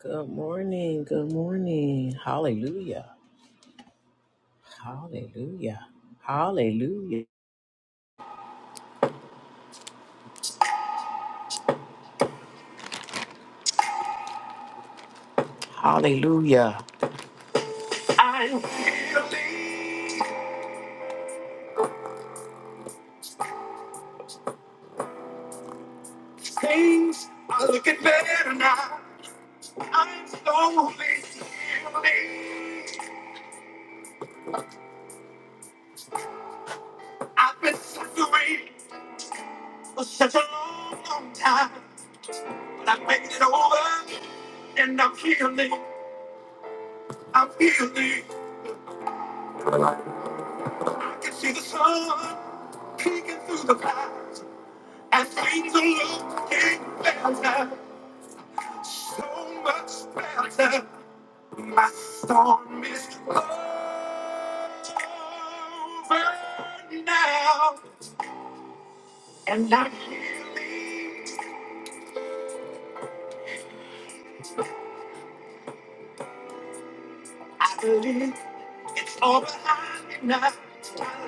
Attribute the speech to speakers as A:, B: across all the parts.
A: Good morning. Good morning. Hallelujah. Hallelujah. Hallelujah. Hallelujah. I'm here. These things are looking better now. I'm slowly healing. I've been suffering for such a long, long time, but I made it over, and I'm healing. I'm healing. I can see the sun peeking through the clouds. I think the Lord is better, so much better. My storm is over now, and I believe, I believe it's all behind me now. I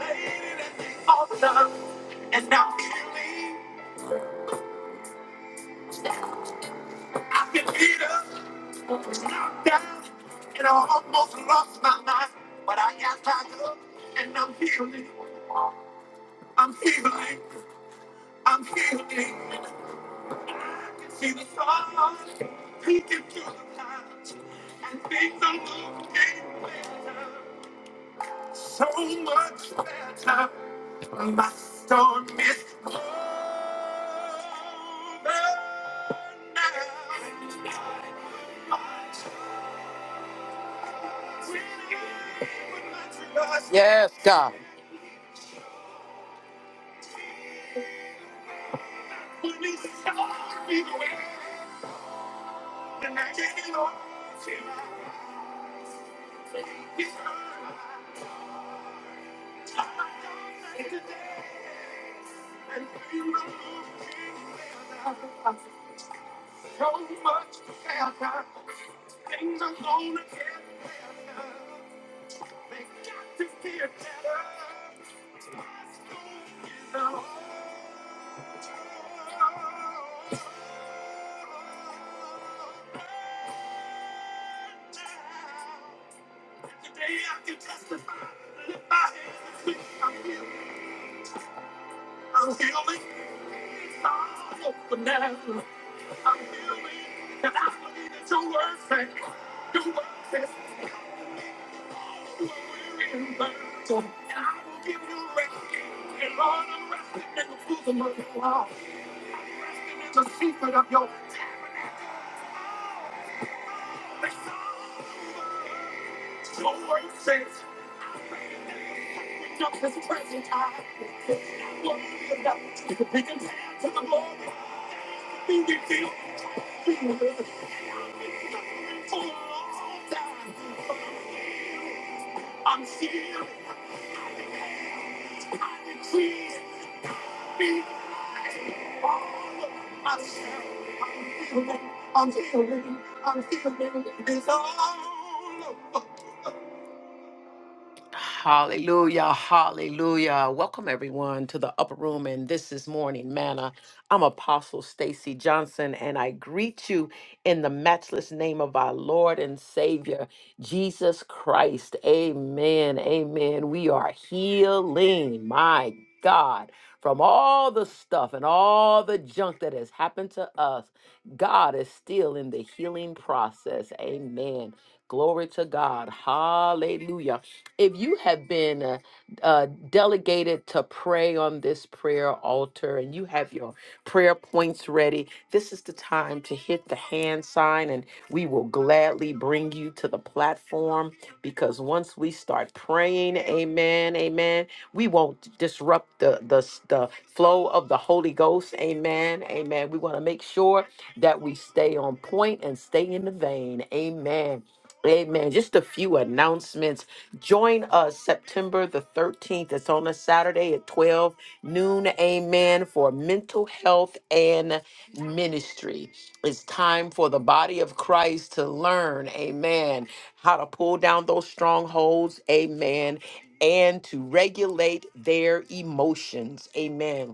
A: laid it all down, and now I believe. I've been beat up, knocked down, and I almost lost my mind. But I got back up, and I'm healing. I'm healing. I'm healing. I can see the sun peeking through the clouds, and things are looking better. So much better. My storm is over now. Yeah. Today I can testify that if my hands is I'm healed. I'm healing. It's all over now. I'm healing. And I believe that your word says, your word says, you are weary and burdened, and I will give you rest. And Lord, I'm resting in the bosom of your love, resting in the secret of your tabernacle. It's all over. Your word says. Just his presence, I will glory of God. It could be compared to the glory we reveal. We will live for a long time. I'm here. I decree be all of myself. I'm healing. I'm healing. I'm healing. It's all over. Hallelujah, hallelujah. Welcome everyone to the upper room and this is morning manna. I'm Apostle Stacy Johnson and I greet you in the matchless name of our Lord and Savior Jesus Christ. Amen. Amen. We are healing, my God, from all the stuff and all the junk that has happened to us. God is still in the healing process. Amen. Glory to God. Hallelujah if you have been uh, uh, delegated to pray on this prayer altar and you have your prayer points ready, this is the time to hit the hand sign and we will gladly bring you to the platform because once we start praying, amen, amen, we won't disrupt the, the, s- the flow of the Holy Ghost, amen, amen. We want to make sure that we stay on point and stay in the vein, amen. Amen. Just a few announcements. Join us September the 13th. It's on a Saturday at 12 noon. Amen. For mental health and ministry. It's time for the body of Christ to learn. Amen. How to pull down those strongholds. Amen. And to regulate their emotions. Amen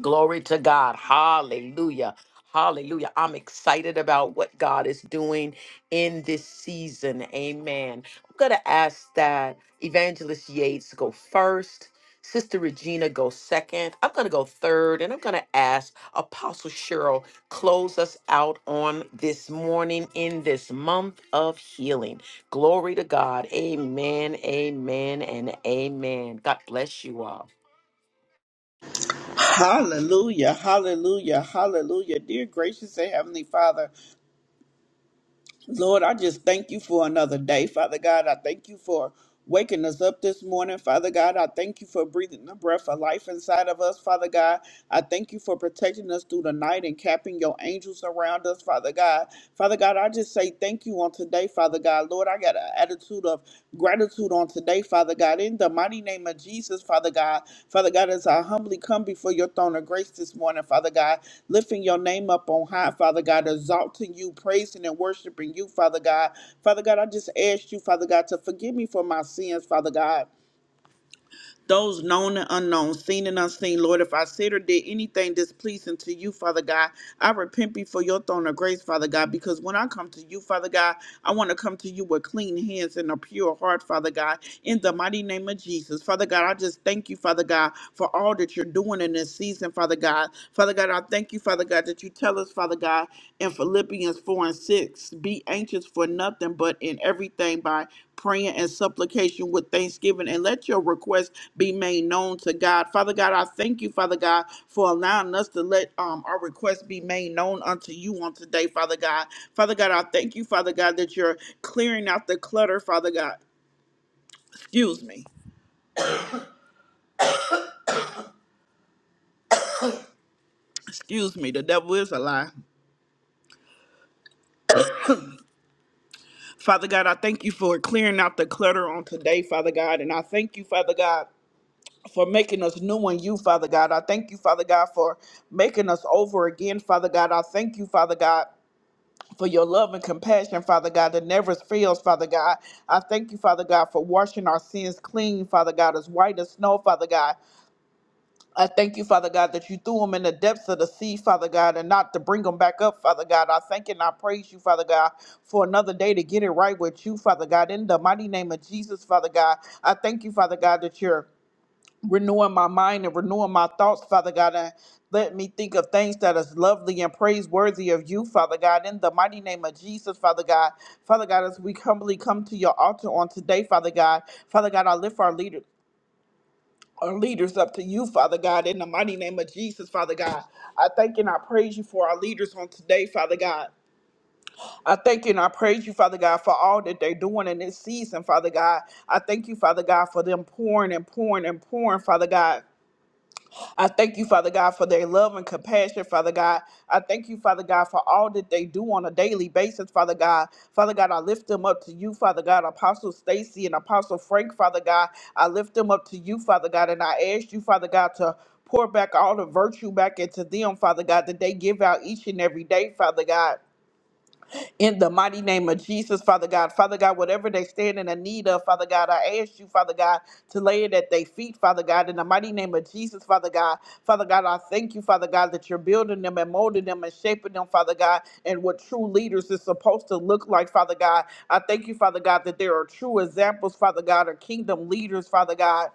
A: Glory to God. Hallelujah. Hallelujah. I'm excited about what God is doing in this season. Amen. I'm going to ask that Evangelist Yates go first, Sister Regina go second. I'm going to go third, and I'm going to ask Apostle Cheryl close us out on this morning in this month of healing. Glory to God. Amen. Amen and amen. God bless you all.
B: Hallelujah, hallelujah, hallelujah. Dear gracious and heavenly Father, Lord, I just thank you for another day. Father God, I thank you for waking us up this morning. Father God, I thank you for breathing the breath of life inside of us. Father God, I thank you for protecting us through the night and capping your angels around us. Father God, Father God, I just say thank you on today. Father God, Lord, I got an attitude of gratitude on today, Father God. In the mighty name of Jesus, Father God. Father God, as I humbly come before your throne of grace this morning, Father God, lifting your name up on high, Father God, exalting you, praising and worshiping you, Father God. Father God, I just asked you, Father God, to forgive me for my sins, Father God those known and unknown, seen and unseen. Lord, if I said or did anything displeasing to you, Father God, I repent before your throne of grace, Father God, because when I come to you, Father God, I want to come to you with clean hands and a pure heart, Father God, in the mighty name of Jesus. Father God, I just thank you, Father God, for all that you're doing in this season, Father God. Father God, I thank you, Father God, that you tell us, Father God in Philippians 4 and 6. Be anxious for nothing, but in everything by prayer and supplication with thanksgiving, and let your requests be made known to God. Father God, I thank you, Father God, for allowing us to let um, our requests be made known unto you on today, Father God. Father God, I thank you, Father God, that you're clearing out the clutter, Father God. Excuse me. Excuse me. The devil is a lie. Father God, I thank you for clearing out the clutter on today, Father God. And I thank you, Father God. for making us new in you, Father God. I thank you, Father God, for making us over again, Father God. I thank you, Father God. For your love and compassion, Father God, that never fails, Father God. I thank you, Father God, for washing our sins clean, Father God, as white as snow, Father God. I thank you, Father God, that you threw them in the depths of the sea, Father God, and not to bring them back up, Father God. I thank and I praise you, Father God, for another day to get it right with you, Father God. In the mighty name of Jesus, Father God, I thank you, Father God, that you're renewing my mind and renewing my thoughts, Father God, and let me think of things that is lovely and praiseworthy of you, Father God, in the mighty name of Jesus, Father God. Father God, as we humbly come to your altar on today, Father God, Father God, I lift our leader. Our leaders up to you, Father God, in the mighty name of Jesus, Father God. I thank and I praise you for our leaders on today, Father God. I thank you and I praise you, Father God, for all that they're doing in this season, Father God. I thank you, Father God, for them pouring and pouring and pouring, Father God. I thank you, Father God, for their love and compassion, Father God. I thank you, Father God, for all that they do on a daily basis, Father God. Father God, I lift them up to you, Father God, Apostle Stacy and Apostle Frank, Father God. I lift them up to you, Father God, and I ask you, Father God, to pour back all the virtue back into them, Father God, that they give out each and every day, Father God in the mighty name of Jesus, Father God. Father God, whatever they stand in the need of, Father God, I ask you, Father God, to lay it at their feet, Father God, in the mighty name of Jesus, Father God. Father God, I thank you, Father God, that you're building them and molding them and shaping them, Father God, and what true leaders is supposed to look like, Father God. I thank you, Father God, that there are true examples, Father God, or kingdom leaders, Father God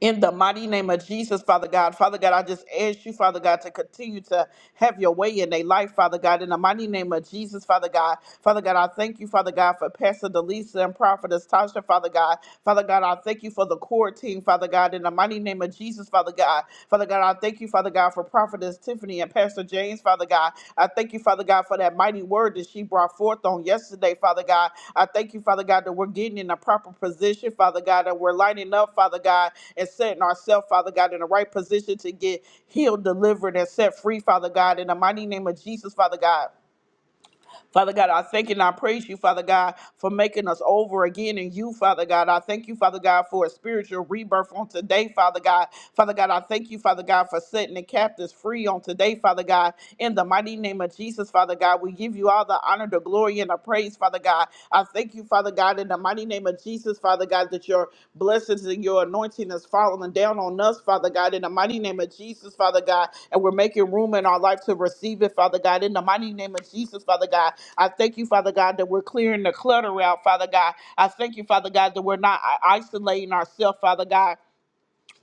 B: in the mighty name of Jesus, Father God. Father God, I just ask you, Father God, to continue to have your way in their life, Father God, in the mighty name of Jesus, Father God. Father God, I thank you, Father God, for Pastor Delisa and Prophetess Tasha, Father God. Father God, I thank you for the core team, Father God, in the mighty name of Jesus, Father God. Father God, I thank you, Father God, for for Prophetess Tiffany and Pastor James, Father God. I thank you, Father God, for that mighty word that she brought forth on yesterday, Father God. I thank you, Father God, that we're getting in a proper position, Father God, that we're lining up, Father God, and setting ourselves, Father God, in the right position to get healed, delivered, and set free, Father God, in the mighty name of Jesus, Father God. Father God, I thank you and I praise you, Father God, for making us over again in you, Father God. I thank you, Father God, for a spiritual rebirth on today, Father God. Father God, I thank you, Father God, for setting the captives free on today, Father God. In the mighty name of Jesus, Father God, we give you all the honor, the glory, and the praise, Father God. I thank you, Father God, in the mighty name of Jesus, Father God, that your blessings and your anointing is falling down on us, Father God, in the mighty name of Jesus, Father God. And we're making room in our life to receive it, Father God, in the mighty name of Jesus, Father God. I thank you, Father God, that we're clearing the clutter out, Father God. I thank you, Father God, that we're not i- isolating ourselves, Father God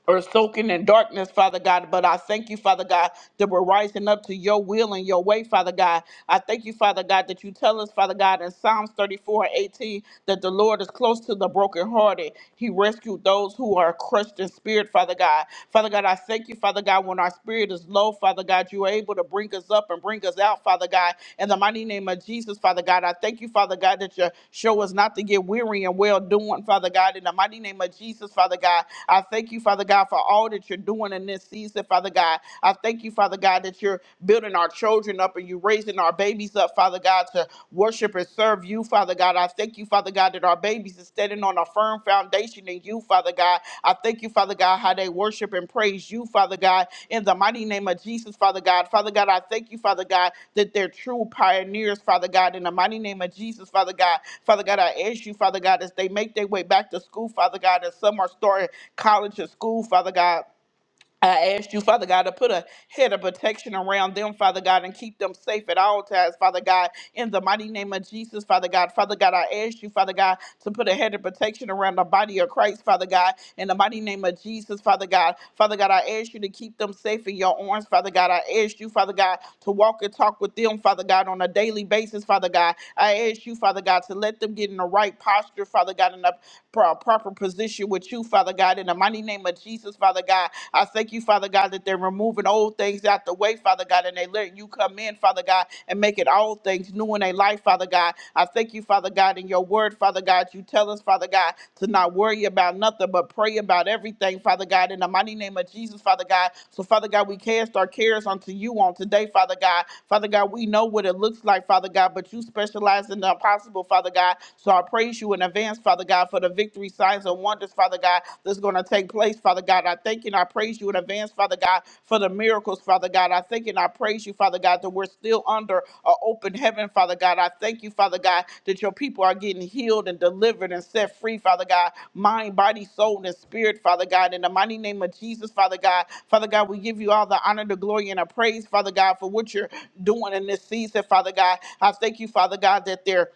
B: or soaking in darkness, Father God. But I thank you, Father God, that we're rising up to your will and your way, Father God. I thank you, Father God, that you tell us, Father God, in Psalms 34 and 18, that the Lord is close to the brokenhearted. He rescued those who are crushed in spirit, Father God. Father God, I thank you, Father God, when our spirit is low, Father God, you are able to bring us up and bring us out, Father God. In the mighty name of Jesus, Father God, I thank you, Father God, that you show us not to get weary and well doing, Father God. In the mighty name of Jesus, Father God, I thank you, Father God, for all that you're doing in this season, Father God. I thank you, Father God, that you're building our children up and you're raising our babies up, Father God, to worship and serve you, Father God. I thank you, Father God, that our babies are standing on a firm foundation in you, Father God. I thank you, Father God, how they worship and praise you, Father God, in the mighty name of Jesus, Father God. Father God, I thank you, Father God, that they're true pioneers, Father God, in the mighty name of Jesus, Father God. Father God, I ask you, Father God, as they make their way back to school, Father God, as some are starting college and school, Father God. I ask you, Father God, to put a head of protection around them, Father God, and keep them safe at all times, Father God, in the mighty name of Jesus, Father God. Father God, I ask you, Father God, to put a head of protection around the body of Christ, Father God, in the mighty name of Jesus, Father God. Father God, I ask you to keep them safe in your arms, Father God. I ask you, Father God, to walk and talk with them, Father God, on a daily basis, Father God. I ask you, Father God, to let them get in the right posture, Father God, in a pro- proper position with you, Father God. Father God, in the mighty name of Jesus, Father God. I thank you, Father God, that they're removing old things out the way, Father God, and they letting you come in, Father God, and make it all things new in their life, Father God. I thank you, Father God, in your word, Father God. You tell us, Father God, to not worry about nothing, but pray about everything, Father God, in the mighty name of Jesus, Father God. So, Father God, we cast our cares unto you on today, Father God. Father God, we know what it looks like, Father God, but you specialize in the impossible, Father God. So I praise you in advance, Father. Father God, for the victory signs and wonders, Father God, that's going to take place, Father God. I thank you and I praise you in advance, Father God, for the miracles, Father God. I thank you and I praise you, Father God, that we're still under an open heaven, Father God. I thank you, Father God, that your people are getting healed and delivered and set free, Father God, mind, body, soul, and spirit, Father God. In the mighty name of Jesus, Father God, Father God, we give you all the honor, the glory, and the praise, Father God, for what you're doing in this season, Father God. I thank you, Father God, that they're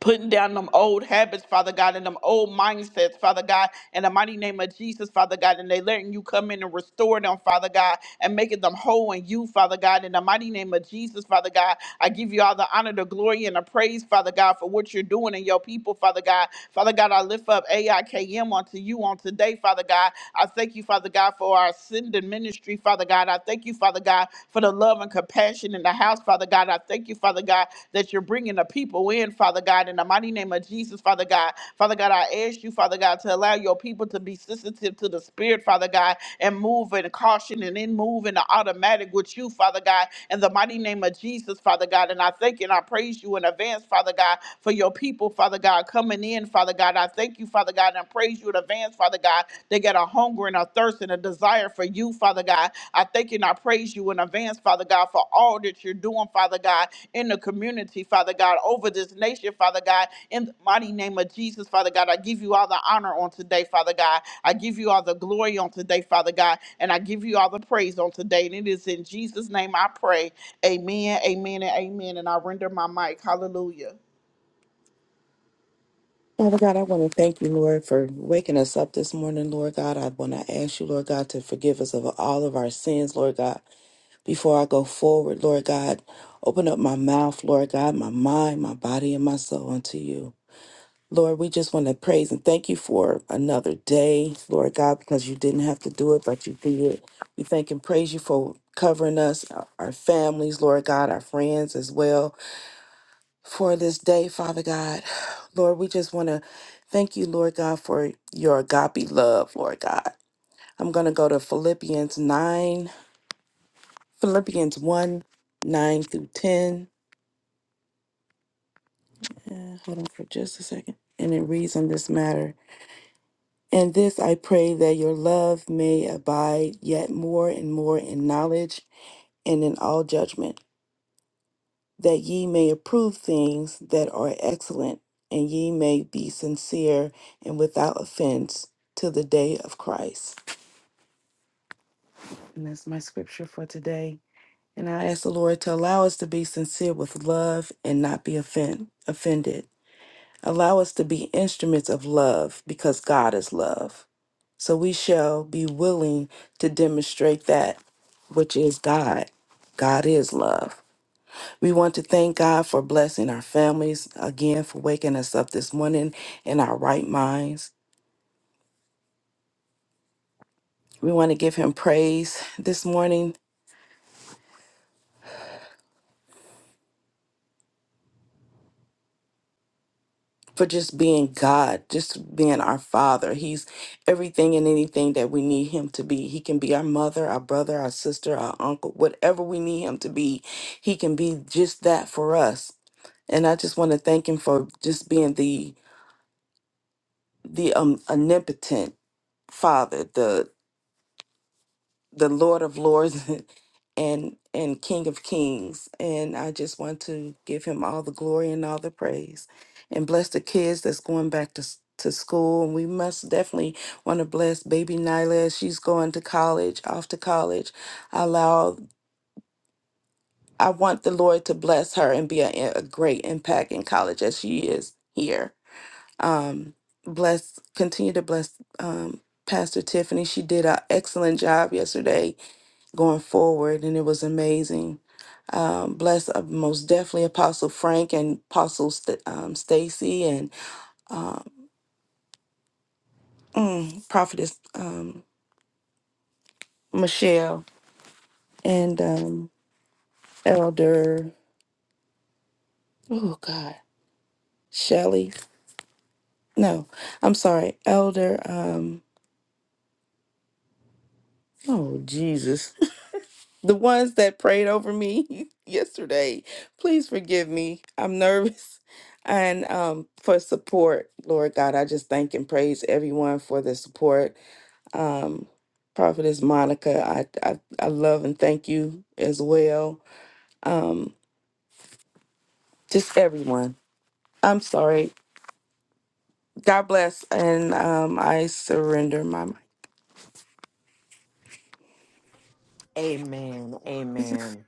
B: putting down them old habits, Father God, and them old mindsets, Father God, in the mighty name of Jesus, Father God, and they letting you come in and restore them, Father God, and making them whole in you, Father God, in the mighty name of Jesus, Father God. I give you all the honor, the glory, and the praise, Father God, for what you're doing in your people, Father God. Father God, I lift up AIKM unto you on today, Father God. I thank you, Father God, for our ascending ministry, Father God. I thank you, Father God, for the for the love and compassion in the house, Father God. I thank you, Father God, that you're bringing the people in, Father God, in the mighty name of Jesus, Father God. Father God, I ask you, Father God, to allow your people to be sensitive to the Spirit, Father God, and move in caution and then move in the automatic with you, Father God, in the mighty name of Jesus, Father God. And I thank and I praise you in advance, Father God, for your people, Father God, coming in, Father God. I thank you, Father God, and I praise you in advance, Father God. God. They got a hunger and a thirst and a desire for you, Father God. I thank you and I praise you in advance, Father God, for all that you're doing, Father God, in the community, Father God, over this nation, Father God, in the mighty name of Jesus, Father God. I give you all the honor on today, Father God. I give you all the glory on today, Father God, and I give you all the praise on today. And it is in Jesus' name I pray. Amen, amen, and amen. And I render my mic. Hallelujah.
C: Father God, I want to thank you, Lord, for waking us up this morning, Lord God. I want to ask you, Lord God, to forgive us of all of our sins, Lord God. Before I go forward, Lord God, open up my mouth, Lord God, my mind, my body, and my soul unto you. Lord, we just want to praise and thank you for another day, Lord God, because you didn't have to do it, but you did. We thank and praise you for covering us, our our families, Lord God, our friends as well for this day, Father God. Lord, we just want to thank you, Lord God, for your agape love, Lord God. I'm going to go to Philippians 9, Philippians 1, 9 through 10. Uh, hold on for just a second. And it reads on this matter. And this I pray that your love may abide yet more and more in knowledge and in all judgment that ye may approve things that are excellent, and ye may be sincere and without offense till the day of Christ. And that's my scripture for today. And I ask the Lord to allow us to be sincere with love and not be offend, offended. Allow us to be instruments of love because God is love. So we shall be willing to demonstrate that which is God. God is love. We want to thank God for blessing our families again for waking us up this morning in our right minds. We want to give him praise this morning for just being God, just being our Father. He's everything and anything that we need him to be. He can be our mother, our brother, our sister, our uncle, whatever we need him to be. He can be just that for us. And I just want to thank him for just being the the um omnipotent father, the Lord of Lords and and King of Kings. And I just want to give him all the glory and all the praise. And bless the kids that's going back to s- to school. And we must definitely want to bless baby Nyla. as She's going to college, off to college. Allow I want the Lord to bless her and be a, a great impact in college as she is here. Um bless continue to bless um Pastor Tiffany. She did an excellent job yesterday going forward, and it was amazing. Um, bless uh, most definitely Apostle Frank and Apostle St- um, Stacy and mm, Prophetess um, Michelle and um, Elder. Oh God, Shelley. No, I'm sorry, Elder. Um, oh Jesus, the ones that prayed over me yesterday. Please forgive me. I'm nervous and um, for support. Lord God, I just thank and praise everyone for the support um, Prophetess Monica. I, I I love and thank you as well. Um, just everyone. I'm sorry. God bless, and um, I surrender my mind.
A: Amen. Amen.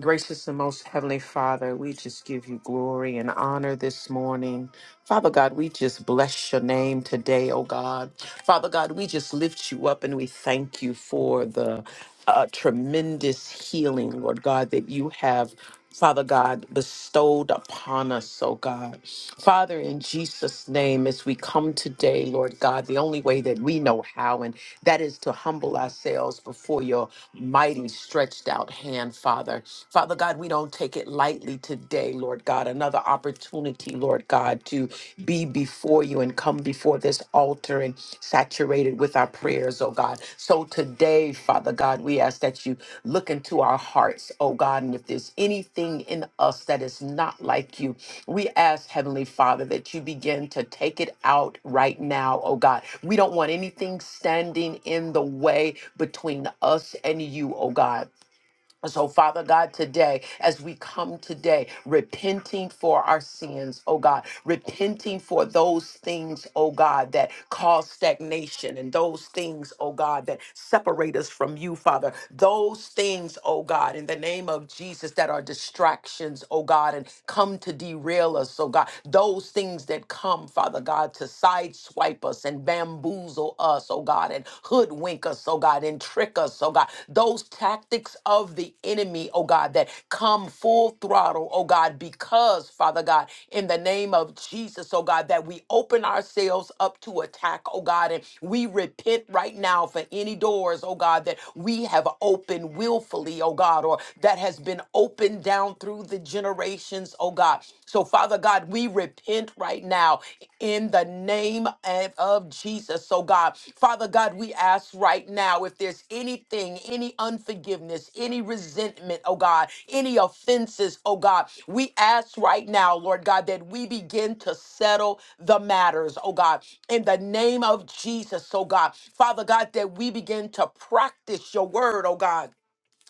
A: Gracious and most heavenly Father, we just give you glory and honor this morning. Father God, we just bless your name today, oh God. Father God, we just lift you up and we thank you for the uh, tremendous healing, Lord God, that you have. Father God, bestowed upon us, oh God. Father, in Jesus' name, as we come today, Lord God, the only way that we know how, and that is to humble ourselves before your mighty stretched out hand, Father. Father God, we don't take it lightly greatly today, Lord God. Another opportunity, Lord God, to be before you and come before this altar and saturated with our prayers, oh God. So today, Father God, we ask that you look into our hearts, oh God. And if there's anything in us that is not like you, we ask, Heavenly Father, that you begin to take it out right now, oh God. We don't want anything standing in the way between us and you, oh God. So, Father God, today, as we come today, repenting for our sins, oh God, repenting for those things, oh God, that cause stagnation and those things, oh God, that separate us from you, Father. Those things, oh God, in the name of Jesus, that are distractions, oh God, and come to derail us, oh God. Those things that come, Father God, to sideswipe us and bamboozle bamboozle us, oh God, and hoodwink us, oh God, and trick us, oh God. Those tactics of the enemy, oh God, that come full throttle, oh God, because, Father God, in the name of Jesus, oh God, that we open ourselves up to attack, oh God, and we repent right now for any doors, oh God, that we have opened willfully, oh God, or that has been opened down through the generations, oh God. So so, Father God, we repent right now in the name of of Jesus. So, God, Father God, we ask right now if there's anything, any unforgiveness, any resentment, oh God, any offenses, oh God, we ask right now, Lord God, that we begin to settle the matters, oh God, in the name of Jesus, oh God, Father God, that we begin to practice your word, oh God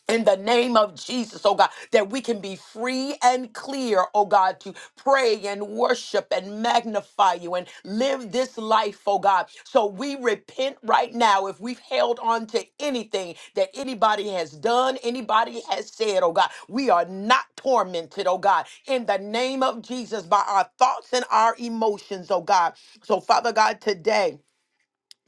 A: in the name of Jesus, oh God, that we can be free and clear, oh God, to pray and worship and magnify you and live this life, oh God. So we repent right now if we've held on to anything that anybody has done, anybody has said, oh God. We are not tormented, oh God, in the name of Jesus by our thoughts and our emotions, oh God. So, Father God, today,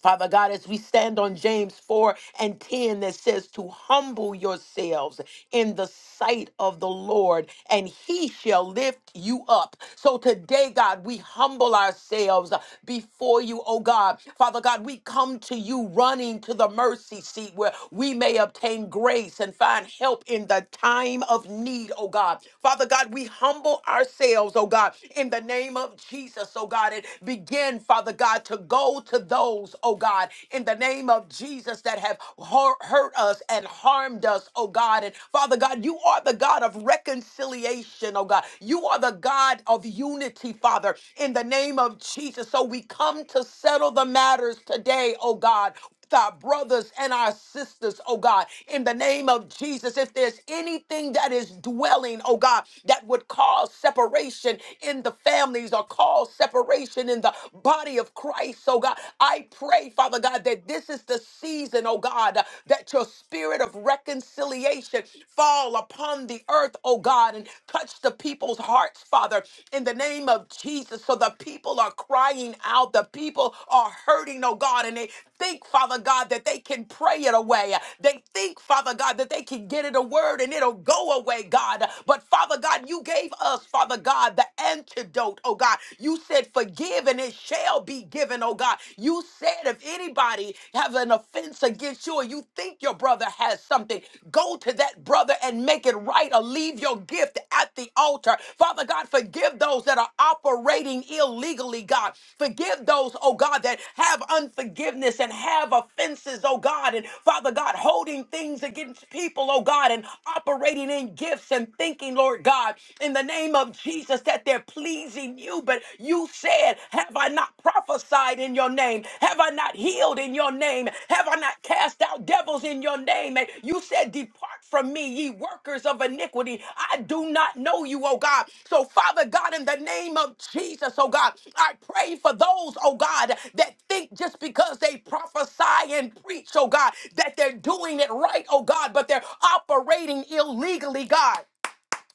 A: Father God, as we stand on James 4 and 10 that says to humble yourselves in the sight of the Lord and he shall lift you up. So today, God, we humble ourselves before you, oh God. Father God, we come to you running to the mercy seat where we may obtain grace and find help in the time of need, oh God. Father God, we humble ourselves, oh God, in the name of Jesus, oh God, and begin, Father God. God, to go to those, oh God, in the name of Jesus that have hur- hurt us and harmed us, oh God. And Father God, you are the God of reconciliation, oh God. You are the God of unity, Father, in the name of Jesus. So we come to settle the matters today, oh God with our brothers and our sisters, oh God, in the name of Jesus. If there's anything that is dwelling, oh God, that would cause separation in the families or cause separation in the body of Christ, oh God, I pray, Father God, that this is the season, oh God, uh, that your spirit of reconciliation fall upon the earth, oh God, and touch the people's hearts, Father, in the the name of Jesus. So the people are crying out. The people are hurting, oh God, and they think, Father God, that they can pray it away. They think, Father God, that they can get it a word and it'll go away, God. But Father God, you gave us, Father God, the antidote, oh God. You said, forgive and it shall be given, oh God. You said, if anybody have an offense against you or you think your brother has something, something, go to that brother and make it right or leave your gift at the altar. Father God, forgive those that are operating illegally, God. Forgive those, oh God, that have unforgiveness and have offenses, oh God. And Father God, holding things against people, oh God, and operating in gifts and thinking, Lord God, in the name of Jesus, that they're pleasing you. But you said, Have I not prophesied? prophesied in your name? Have I not healed in your name? Have I not cast out devils in your name? And you said, Depart from me, ye workers of iniquity. I do not know you, oh God. So, Father God, in the name of Jesus, oh God, I pray for those, oh God, that think just because they prophesy and preach, oh God, that they're doing it right, oh God, but they're operating illegally, God.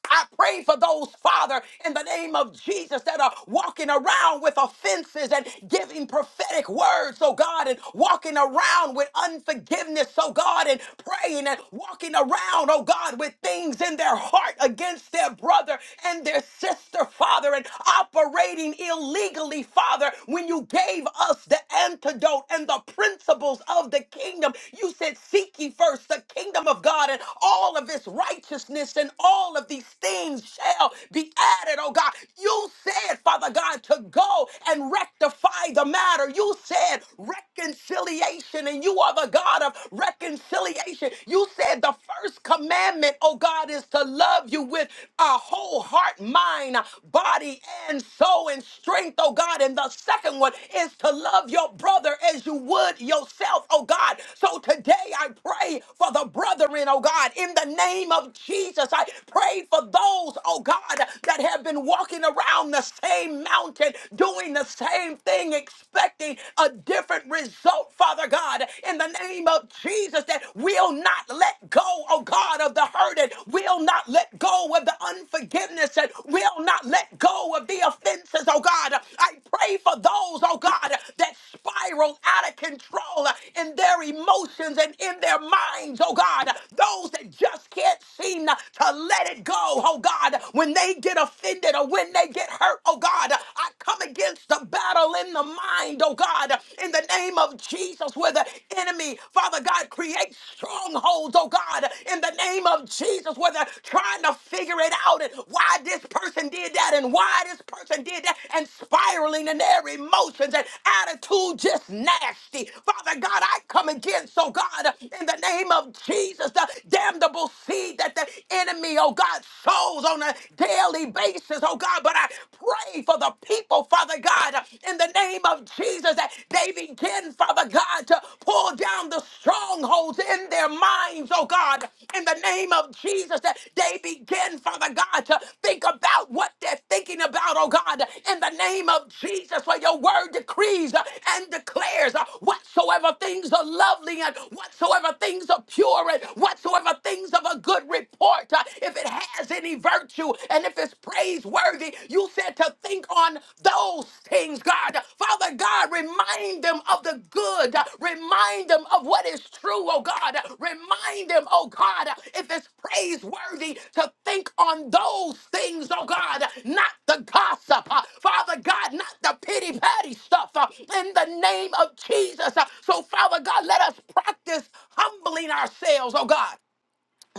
A: I pray for those, Father, in the name of Jesus, that are walking around with offenses and giving prophetic words, oh God, and walking around with unforgiveness, oh God, and praying and walking around, oh God, with things in their heart against their brother and their sister, Father, and operating illegally, Father. When you gave us the antidote and the principles of the kingdom, you said, Seek ye first the kingdom of God and all of its righteousness and all all of these things shall be added, oh God. You said, Father God, to go and rectify the matter. You said reconciliation, and you are the God of reconciliation. You said the first commandment, oh God, is to love you with a whole heart, mind, body, and soul, and strength, oh God. And the second one is to love your brother as you would yourself, oh God. So today I pray for the brethren, oh God, in the name of Jesus. Jesus. I pray for those, oh God, that have been walking around the same mountain, doing the same thing, expecting a different result, Father God, in the name of Jesus, that will not let go, oh God, of the hurted, will not let go of the unforgiveness, and will not let go of the offenses, oh God. I pray for those, oh God, that spiral out of control in their emotions and in their minds, oh God. Those that just can't seem to let it go, oh God, when they get offended or when they get hurt, oh God, I come against the battle in the mind, oh God, in the name of Jesus, where the enemy, Father God, creates strongholds, oh God, in the name of Jesus, where they're trying to figure it out and why this person did that and why this person did that and spiraling in their emotions and attitude just nasty. Father God, I come against, oh God, in the name of Jesus, the damnable seed that the enemy, oh God, sows on a daily basis, oh God. But I pray for the people, Father God, in the name of Jesus, that they begin, Father God, to pull down the down the strongholds in their minds, oh God, in the name of Jesus, that they begin, Father God, to think about what they're thinking about, oh God, in the name of Jesus, for your word decrees and declares uh, whatsoever things are lovely and whatsoever things are pure and whatsoever things of a good report, uh, if it has any virtue and if it's praiseworthy, you said to think think on those things, God. Father God, remind them of the good. Remind them of what is true, oh God. Remind them, oh God, if it's praiseworthy to think on those things, oh God, not the gossip. uh, Father God, not the pity patty stuff uh, in the name of Jesus. Uh, So, Father God, let us practice humbling ourselves, oh God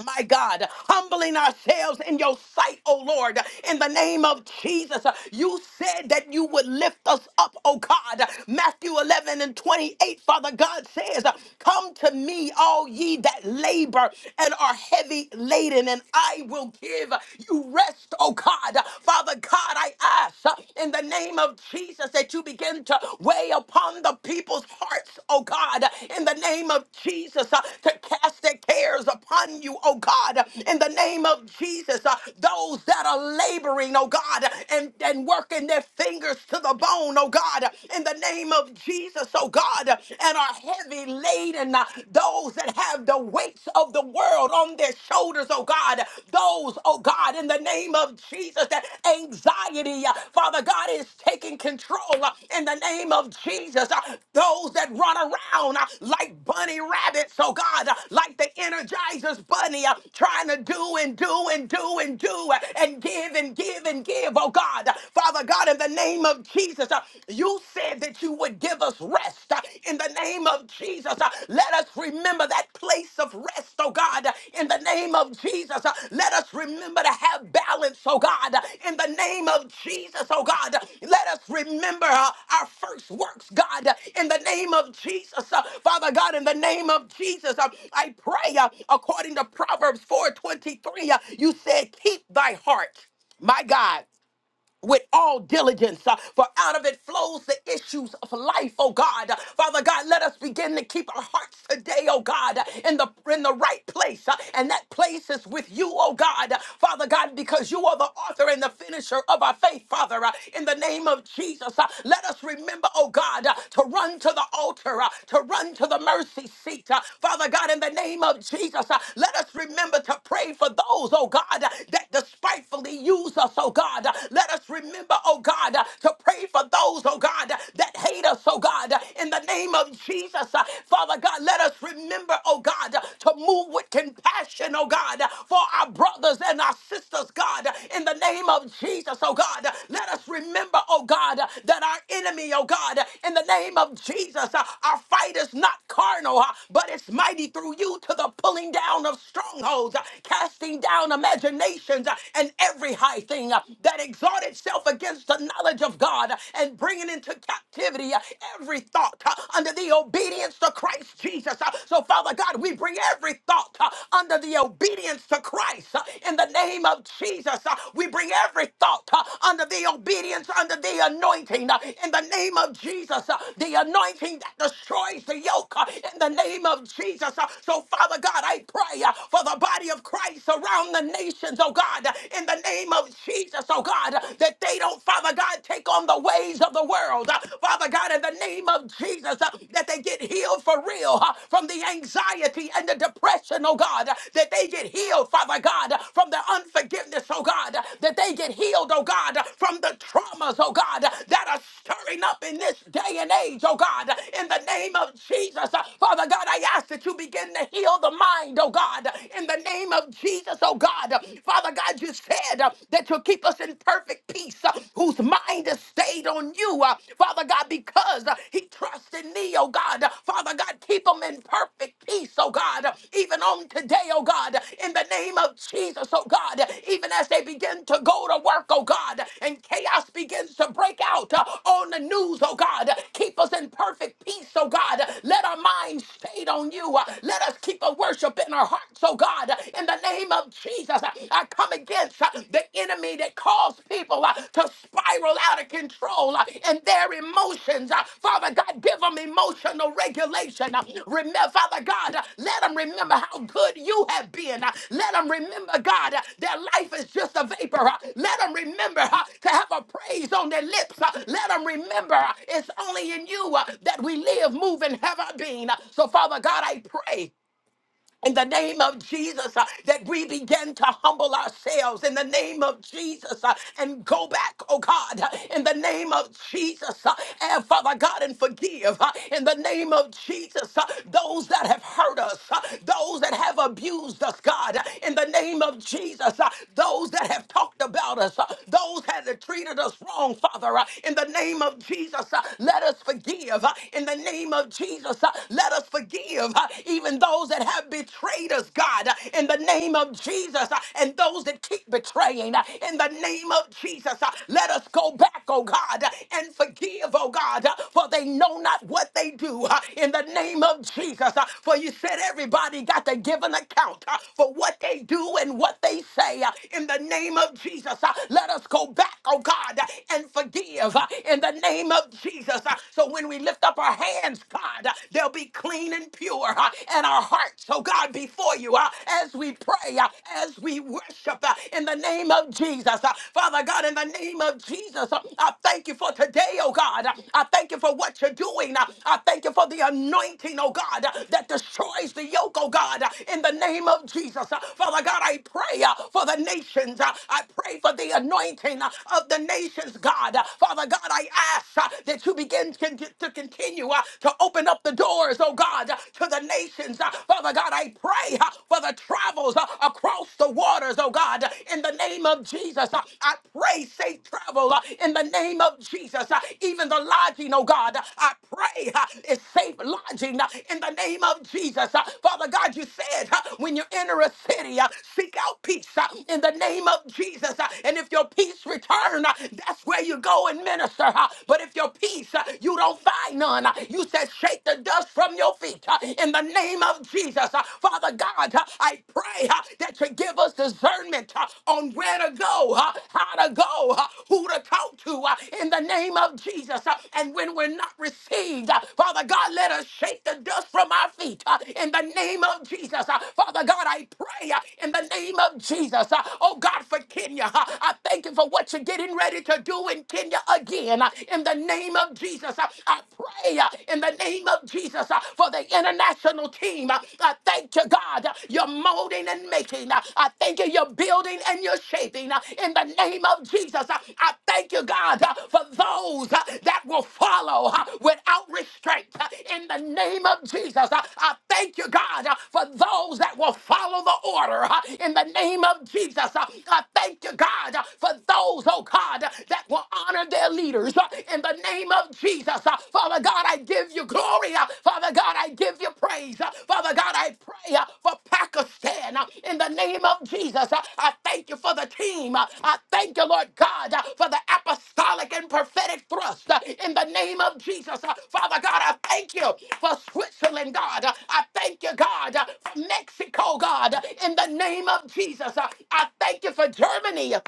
A: my God, humbling ourselves in your sight, oh Lord, in the name of Jesus. You said that you would lift us up, oh God. Matthew 11 and 28, Father God says, Come to me, all ye that labor and are heavy laden, and I will give you rest, oh God. Father God, I ask in the name of Jesus that you begin to weigh lay upon the people's hearts, oh God, in the name of Jesus, uh, to cast their cares upon you, oh God, in the name of Jesus. uh, Those that are laboring, oh God, and, and working their fingers to the bone, oh God, in the name of Jesus, oh God, and are heavy laden, uh, those that have the weights of the world on their shoulders, oh God, those, oh God, in the name of Jesus. That anxiety, uh, Father God, is taking control uh, in the name of Jesus. Uh, Those that run around uh, like bunny rabbits, oh God, uh, like the Energizer's bunny, uh, trying to do and do and do and do uh, and give and give and give, oh God. Uh, Father God, in the name of Jesus, uh, you said that you would give us rest uh, in the name of of Jesus. Uh, Let us remember that place of rest, oh God, uh, in the name of Jesus. Uh, Let us remember to have balance, oh God, uh, in the name of Jesus, oh God. Uh, Let us remember uh, our first works, God, uh, in the name of Jesus. Uh, Father God, in the name of Jesus, uh, I pray uh, according to Proverbs 4:23, uh, you said, "Keep thy heart, my God." with all diligence, uh, for out of it flows the issues of life, oh God. Uh, Father God, let us begin to keep our hearts today, oh God, uh, in the in the right place. uh, and that place is with you, oh God. Uh, Father God, because you are the author and the finisher of our faith, Father. uh, in the name of Jesus, uh, let us remember, oh God, uh, to run to the altar, uh, to run to the mercy seat. uh, Father God, in the name of Jesus, uh, let us remember to pray for those, oh God, uh, that despitefully use us, oh God. Let us remember, oh God, to pray for those, oh God, that hate us, oh God, in the name of Jesus. Father God, let us remember, oh God, to move with compassion, oh God, for our brothers and our sisters, God, in the name of Jesus, oh God. Let us remember, oh God, that our enemy, oh God, in the name of Jesus, uh, our fight is not carnal, uh, but it's mighty through you to the pulling down of strongholds, uh, casting down imaginations, uh, and every high thing uh, that exalt itself against the knowledge of God uh, and bringing into captivity uh, every thought uh, under the obedience to Christ Jesus. Uh, So, Father God, we bring every thought uh, under the obedience to Christ uh, in the name of Jesus. Uh, We bring every thought uh, under the obedience, under the anointing uh, in the name of Jesus. Uh, The anointing that destroys the yoke uh, in the name of Jesus. Uh, So, Father God, I pray uh, for the body of Christ around the the nations, oh God, in the name of Jesus, oh God, that they don't, Father God, take on the ways of the world. Uh, Father God, in the name of Jesus, uh, that they get healed for real uh, from the anxiety and the depression, oh God, uh, that they get healed, Father God, uh, from the unforgiveness, oh God, uh, that they get healed, oh God, uh, from the traumas, oh God, uh, that are stirring up in this day and age, oh God, uh, in the name of Jesus. Uh, Father God, I ask that you begin to heal the mind, oh God, uh, in the name name of Jesus, oh God. Father God, you said uh, that you'll keep us in perfect peace, uh, whose mind is stayed on you, uh, Father God, because uh, he trusts in me, oh God. Father God, keep him in perfect peace, oh God, even on today, oh God, in the name of Jesus, oh God, even as they begin to go to work, oh God, and chaos begins to break out uh, on the news, oh God, keep us in perfect peace, oh God. Let our minds stayed on you. Uh, Let us keep a worship in our our hearts, oh God, in the name of Jesus. I come against uh, the enemy that caused people uh, to spiral out of control uh, in their emotions. Uh, Father God, give them emotional regulation. Uh, Remember, Father God, uh, let them remember how good you have been. Uh, Let them remember, God, uh, their life is just a vapor. Uh, Let them remember uh, to have a praise on their lips. Uh, Let them remember uh, it's only in you uh, that we live, move, and have our being. Uh, So, Father God, I pray in the name of Jesus, uh, that we begin to humble ourselves in the name of Jesus uh, and go back, oh God, uh, in the name of Jesus, uh, and Father God, and forgive uh, in the name of Jesus uh, those that have hurt us, uh, those that have abused us, God, uh, in the name of Jesus, uh, those that have talked about us, uh, those that have treated us wrong, Father, uh, in the name of Jesus, uh, let us forgive uh, in the name of Jesus, uh, let us forgive forgive uh, even those that have betrayed us, God, uh, in the name of Jesus, uh, and those that keep betraying, uh, in the name of Jesus. uh, Let us go back, oh God, uh, and forgive, oh God, uh, for they know not what they do, uh, in the name of Jesus. uh, For you said everybody got to give an account uh, for what they do and what they say, uh, in the name of Jesus. uh, Let us go back, oh God, uh, and forgive, uh, in the name of Jesus. uh, So when we lift up our hands, God, They'll be clean and pure uh, in our hearts, oh God, before you uh, as we pray, uh, as we worship uh, in the name of Jesus. Uh, Father God, in the name of Jesus, uh, I thank you for today, oh God. Uh, I thank you for what you're doing. Uh, I thank you for the anointing, oh God, uh, that destroys the yoke, oh God, uh, in the name of Jesus. Uh, Father God, I pray uh, for the nations. Uh, I pray for the anointing uh, of the nations, God. Uh, Father God, I ask uh, that you begin to, to continue continue uh, to open up the doors, oh God, uh, to the nations. Uh, Father God, I pray uh, for the travels uh, across the waters, oh God, uh, in the name of Jesus. Uh, I pray safe travel uh, in the name of Jesus. Uh, Even the lodging, oh God, uh, I pray uh, is safe lodging uh, in the name of Jesus. Uh, Father God, you said uh, when you enter a city, uh, seek out peace uh, in the name of Jesus. Uh, And if your peace return, uh, that's where you go and minister. uh, But if your peace peace, uh, you don't find none. Uh, You said, shake the dust from your feet uh, in the name of Jesus. Uh, Father God, uh, I pray uh, that you give us discernment uh, on where to go, uh, how to go, uh, who to talk to uh, in the name of Jesus. Uh, And when we're not received, uh, Father God, let us shake the dust from our feet uh, in the name of Jesus. Uh, Father God, I pray uh, in the name of Jesus. Uh, Oh God, for Kenya, uh, I thank you for what you're getting ready to do in Kenya again uh, in the name of Jesus. Uh, I pray uh, in the name of Jesus uh, for the international team. Uh, I thank you, God. uh, You're molding and making. Uh, I thank you, you're building and you're shaping. Uh, In the name of Jesus, uh, I thank you, God, uh, for those uh, that will follow uh, without restraint. Uh, In the name of Jesus, uh, I thank you, God, uh, for those that will follow the order. Uh, In the name of Jesus, uh, I thank you, God, uh, for those, oh God. God, that will honor their leaders uh, in the name of Jesus. Uh, Father God, I give you glory. Uh, Father God, I give you praise. Uh, Father God, I pray uh, for Pakistan uh, in the name of Jesus. Uh, I thank you for the team. Uh, I thank you, Lord God, uh, for the apostolic and prophetic thrust uh, in the name of Jesus. Uh, Father God, I thank you for Switzerland, God. Uh, I thank you, God, uh, for Mexico, God, uh, in the name of Jesus. Uh, I thank you for Germany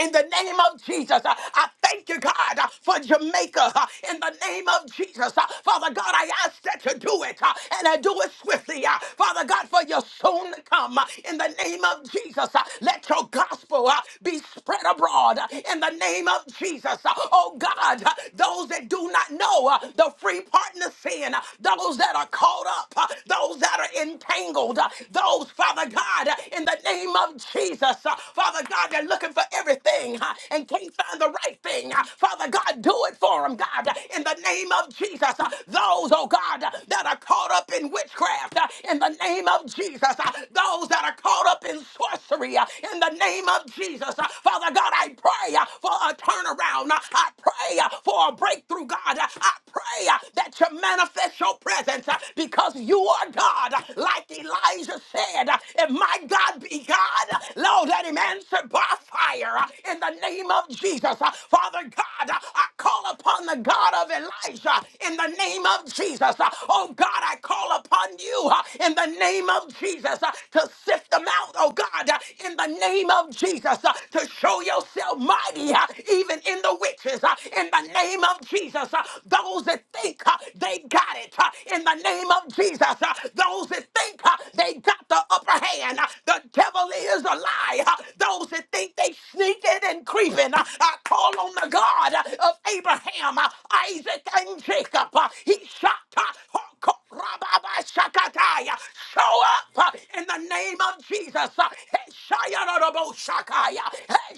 A: in the name of Jesus, uh, I thank you, God, uh, for Jamaica. uh, In the name of Jesus, uh, Father God, I ask that you do it uh, and I do it swiftly. uh, Father God, for your soon to come. uh, In the name of Jesus, uh, let your gospel uh, be spread abroad. uh, In the name of Jesus, uh, oh God, uh, those that do not know uh, the free partner sin, uh, those that are caught up, uh, those that are entangled, uh, those, Father God, uh, in the name of Jesus. Uh, Father God, they're looking for everything uh, and can't find the right thing. Uh, Father God, do it for them, God, uh, in the name of Jesus. Uh, Those, oh God, uh, that are caught up in witchcraft, uh, in the name of Jesus. Uh, Those that are caught up in sorcery, uh, in the name of Jesus. Uh, Father God, I pray uh, for a turnaround. Uh, I pray uh, for a breakthrough, God. Uh, I pray uh, that you manifest your presence uh, because you are God, uh, like Elijah said. And my God be God, Lord, let him answer by fire uh, in the name of Jesus. Uh, Father God, uh, I call upon the God of Elijah in the name of Jesus. Uh, Oh God, I call upon you uh, in the name of Jesus uh, to sift them out, oh God, uh, in the name of Jesus, uh, to show yourself mighty uh, even in the witches, uh, in the name of Jesus. uh, Those that think uh, they got it, uh, in the name of Jesus. Jesus. Uh, Those that think uh, they got the upper hand, uh, the devil is a lie. Uh, Those that think they sneaking and creeping, uh, I call on the God uh, of Abraham, uh, Isaac, and Jacob. Uh, He shot. uh, Hoko- Rababashakataya. Show up uh, in the name of Jesus. Uh, hey, Shayarabashakaya. Hey,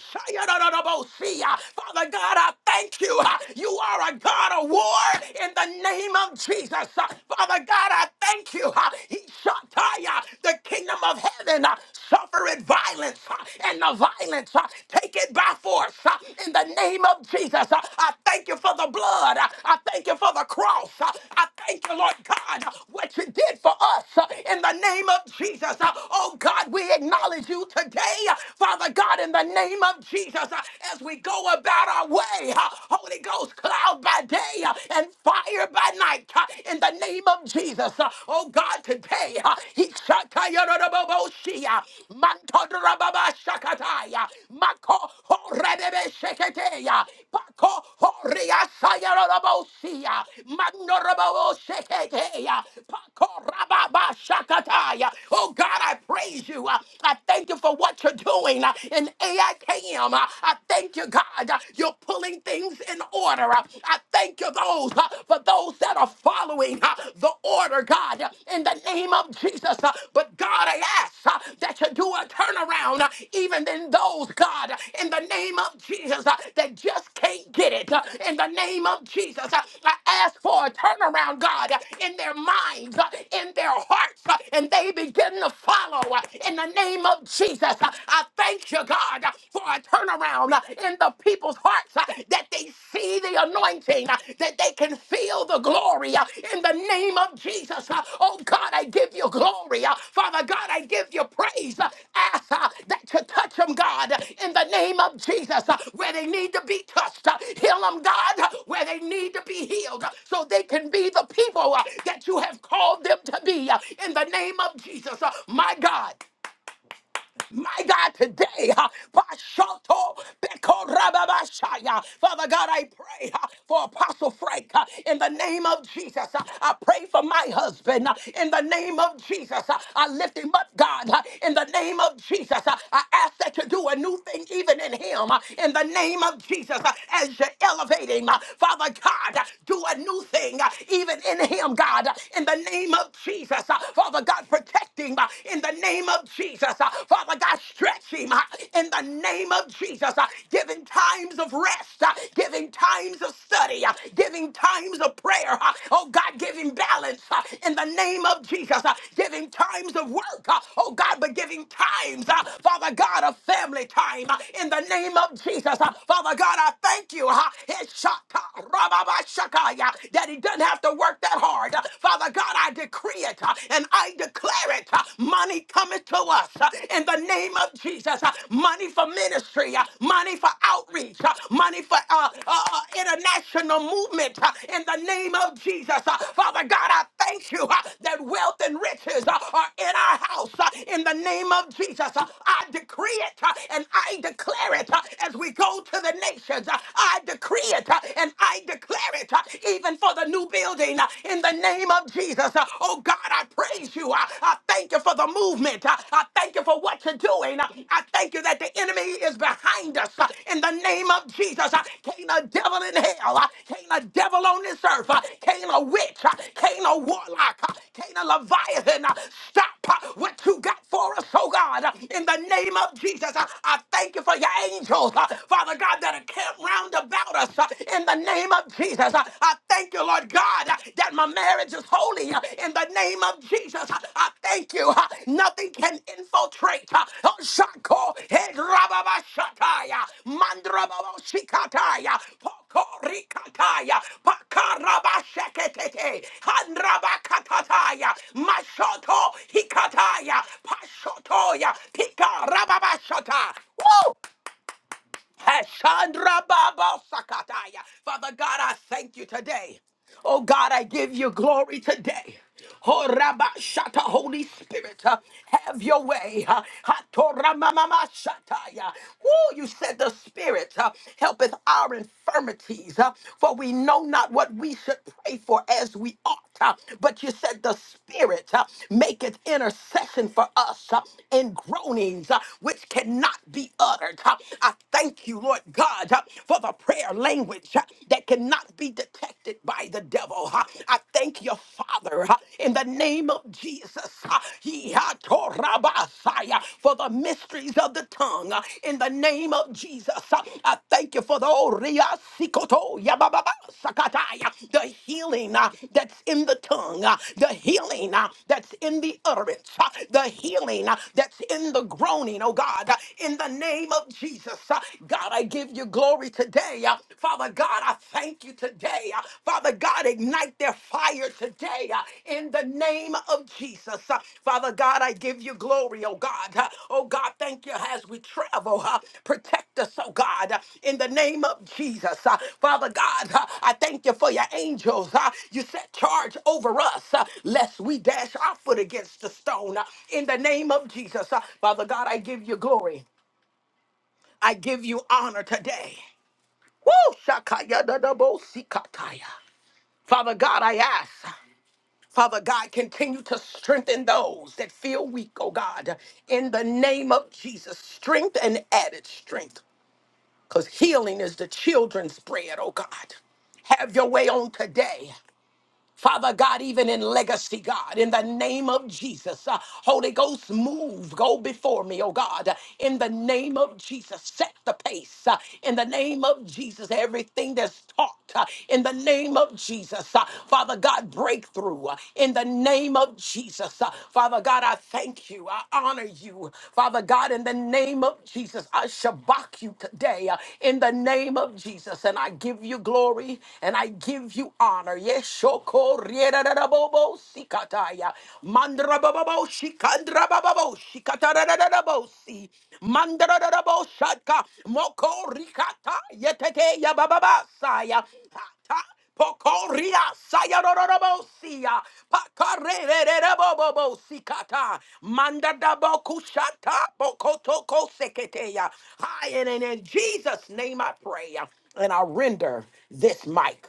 A: Father God, I thank you. Uh, You are a God of war in the name of Jesus. Uh, Father God, I thank you. Uh, He shot uh, yeah, the kingdom of heaven uh, suffereth violence, uh, and the violence uh, take it by force. uh, In the name of Jesus, Uh, I thank you for the blood. Uh, I thank you for the cross. Uh, I thank you, Lord God, uh, what you did for us. Uh, In the name of Jesus, Uh, oh God, we acknowledge you today, Uh, Father God. in the name of Jesus, uh, as we go about our way, uh, Holy Ghost. Ghost, cloud by day uh, and fire by night. uh, In the name of Jesus, Uh, oh God, today, uh, he shakayarababoshiya, mantodrababashakataya, mako horebebesheketeya, pako horiasayarababoshiya, manorababosheketeya, pako rababashakataya. Oh God, I praise you. Uh, I thank you for what you're doing uh, in AIKM. Uh, I thank you, you, God. uh, You're pulling things in order. Uh, I thank you those uh, for those that are following uh, the order, God, uh, in the name of Jesus. Uh, But God, I ask uh, that you do a turnaround, uh, even in those, God, uh, in the name of Jesus, uh, that just can't get it. Uh, In the name of Jesus, uh, I ask for a turnaround, God, uh, in their minds, uh, in their hearts, uh, and they begin to follow uh, in the name of Jesus. Uh, I thank thank you, God, for a turnaround in the people's hearts uh, that they see the anointing, uh, that they can feel the glory uh, in the name of Jesus. Uh, Oh, God, I give you glory. uh, Father God, I give you praise. Uh, Ask uh, that you touch them, God, in the name of Jesus, uh, where they need to be touched. Uh, Heal them, God, where they need to be healed uh, so they can be the people uh, that you have called them to be uh, in the name of Jesus. Uh, My God. My God, today, uh, Bashoto Beko Rababashaya. Father God, I pray uh, for Apostle Frank uh, in the name of Jesus. Uh, I pray for my husband uh, in the name of Jesus. Uh, I lift him up, God, uh, in the name of Jesus. Uh, I ask that you do a new thing even in him uh, in the name of Jesus uh, as you elevate him. uh, Father God, uh, do a new thing uh, even in him, God, uh, in the name of Jesus. Uh, Father God, protect protect him uh, in the name of Jesus. Uh, Father God, stretch him uh, in the name of Jesus. Uh, Give him times of rest, uh, give him times of study, uh, give him times of prayer. uh, Oh God, give him balance uh, in the name of Jesus. Uh, Give him times of work. uh, Oh God, but give him times, uh, Father God, of family time uh, in the name of Jesus. Uh, Father God, I thank you. uh, Heshaka, rababashakaya, That he doesn't have to work that hard. Uh, Father Father God, I decree it uh, and I declare it. uh, Money cometh to us uh, in the name of Jesus. uh, Money for ministry, uh, money for outreach, uh, money for uh, uh, uh, international movement uh, in the name of Jesus. Uh, Father God, I thank you uh, that wealth and riches uh, are in our house uh, in the name of Jesus. Uh, I decree it uh, and I declare it uh, as we go to the nations. Uh, I decree it uh, and I declare it. uh, even for the new building uh, in the name of Jesus. Uh, Oh God, I praise you. I I thank you for the movement. I I thank you for what you're doing. I I thank you that the enemy is behind us uh, in the name of Jesus. Uh, Can't a devil in hell, uh, can't a devil on this earth, uh, can't a witch, uh, can't a warlock, uh, can't a leviathan uh, stop uh, what you got for us, oh God, uh, in the name of Jesus. Uh, I thank you for your angels, uh, Father God, that are camped round round about us uh, in the name of Jesus. Uh, I thank you, Lord God, uh, that my marriage is holy uh, in the name of Jesus. Uh, I thank you. uh, Nothing can infiltrate. uh, oh, Shako, eh, Rababashataya, Mandrababoshikataya, Pokorikataya, Pakarabasheketete, Handrabakatataya, Mashoto Hikataya, Pashotoya, Pikarababashata. Woo! Hashandra Baba Sakataya. Father God, I thank you today. Oh God, I give you glory today. Oh Rabba Shata, Holy Spirit, uh, have your way. Uh, Hatora Mama Shataya. Woo, you said the Spirit uh, helpeth our infirmities, uh, for we know not what we should pray for as we ought uh, but you said the Spirit uh, maketh intercession for us uh, in groanings uh, which cannot be uttered. uh. I thank you, Lord God, uh, for the prayer language uh, that cannot be detected by the devil. uh. I thank you, Father, uh, in the name of Jesus, uh, Yihatorabasaya, for the mysteries of the tongue. uh, uh, in the name of Jesus. Uh, I thank you for the Oria Sikoto Yababa Sakataya, the healing uh, that's in the tongue, uh, the healing uh, that's in the utterance, uh, the healing uh, that's in the groaning, oh God, uh, in the name of Jesus. Uh, God, I give you glory today. Uh, Father God, I thank you today. Uh, Father God, ignite their fire today uh, in the name of Jesus. Uh, Father God, I give you glory, oh God. Uh, Oh God, thank you as we travel. uh, Protect us, oh God, uh, in the name of Jesus. Uh, Father God, uh, I thank you for your angels. Uh, You set charge over us, uh, lest we dash our foot against the stone. Uh, In the name of Jesus, uh, Father God, I give you glory. I give you honor today. Woo! Shakaya da da bo sikataya. Father God, I ask. Father God, continue to strengthen those that feel weak, oh God, in the name of Jesus. Strength and added strength, because healing is the children's bread, oh God. Have your way on today. Father God, even in legacy, God, in the name of Jesus, uh, Holy Ghost, move, go before me, oh God, in the name of Jesus, set the pace, uh, in the name of Jesus, everything that's taught, uh, in the name of Jesus, uh, Father God, breakthrough, uh, in the name of Jesus, uh, Father God, I thank you, I honor you, Father God, in the name of Jesus, I shabak you today, uh, in the name of Jesus, and I give you glory and I give you honor honor. Yeshoko Rierabo Sikataya. Mandrababo Shikandrababo Shikatarabo Mandrababo Shadka Moko Rikata Yeteke Yababa Saya. Hata Pokoria Sayarorobosia Pakarerererebobo Sikata Mandadabo Kushata Bokotoko Seketeya. Hi, and in Jesus' name I pray. And I render this mic.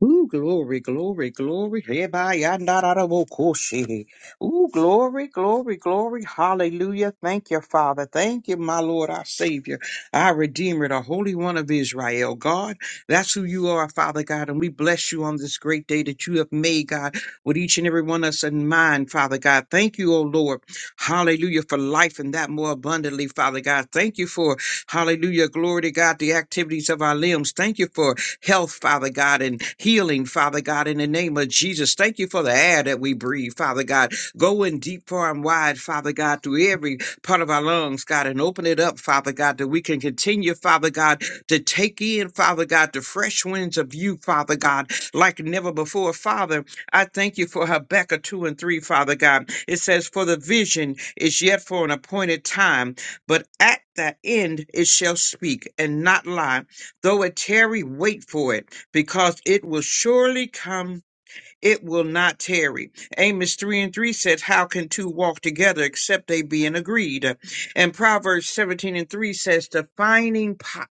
D: Ooh, glory, glory, glory. Hebayandarabokoshe. Ooh, glory, glory, glory. Hallelujah. Thank you, Father. Thank you, my Lord, our Savior, our Redeemer, the Holy One of Israel. God, that's who you are, Father God. And we bless you on this great day that you have made, God, with each and every one of us in mind, Father God. Thank you, O Lord. Hallelujah for life and that more abundantly, Father God. Thank you for, hallelujah, glory to God, the activities of our limbs. Thank you for health, Father God, and healing, Father God, in the name of Jesus. Thank you for the air that we breathe, Father God. Go in deep, far, and wide, Father God, through every part of our lungs, God, and open it up, Father God, that we can continue, Father God, to take in, Father God, the fresh winds of you, Father God, like never before. Father, I thank you for Habakkuk 2 and 3, Father God. It says, For the vision is yet for an appointed time, but at the end it shall speak and not lie. Though it tarry, wait for it, because it will surely come. It will not tarry. Amos 3 and 3 says, How can two walk together except they be in agreed? And Proverbs 17 and 3 says, The finding pot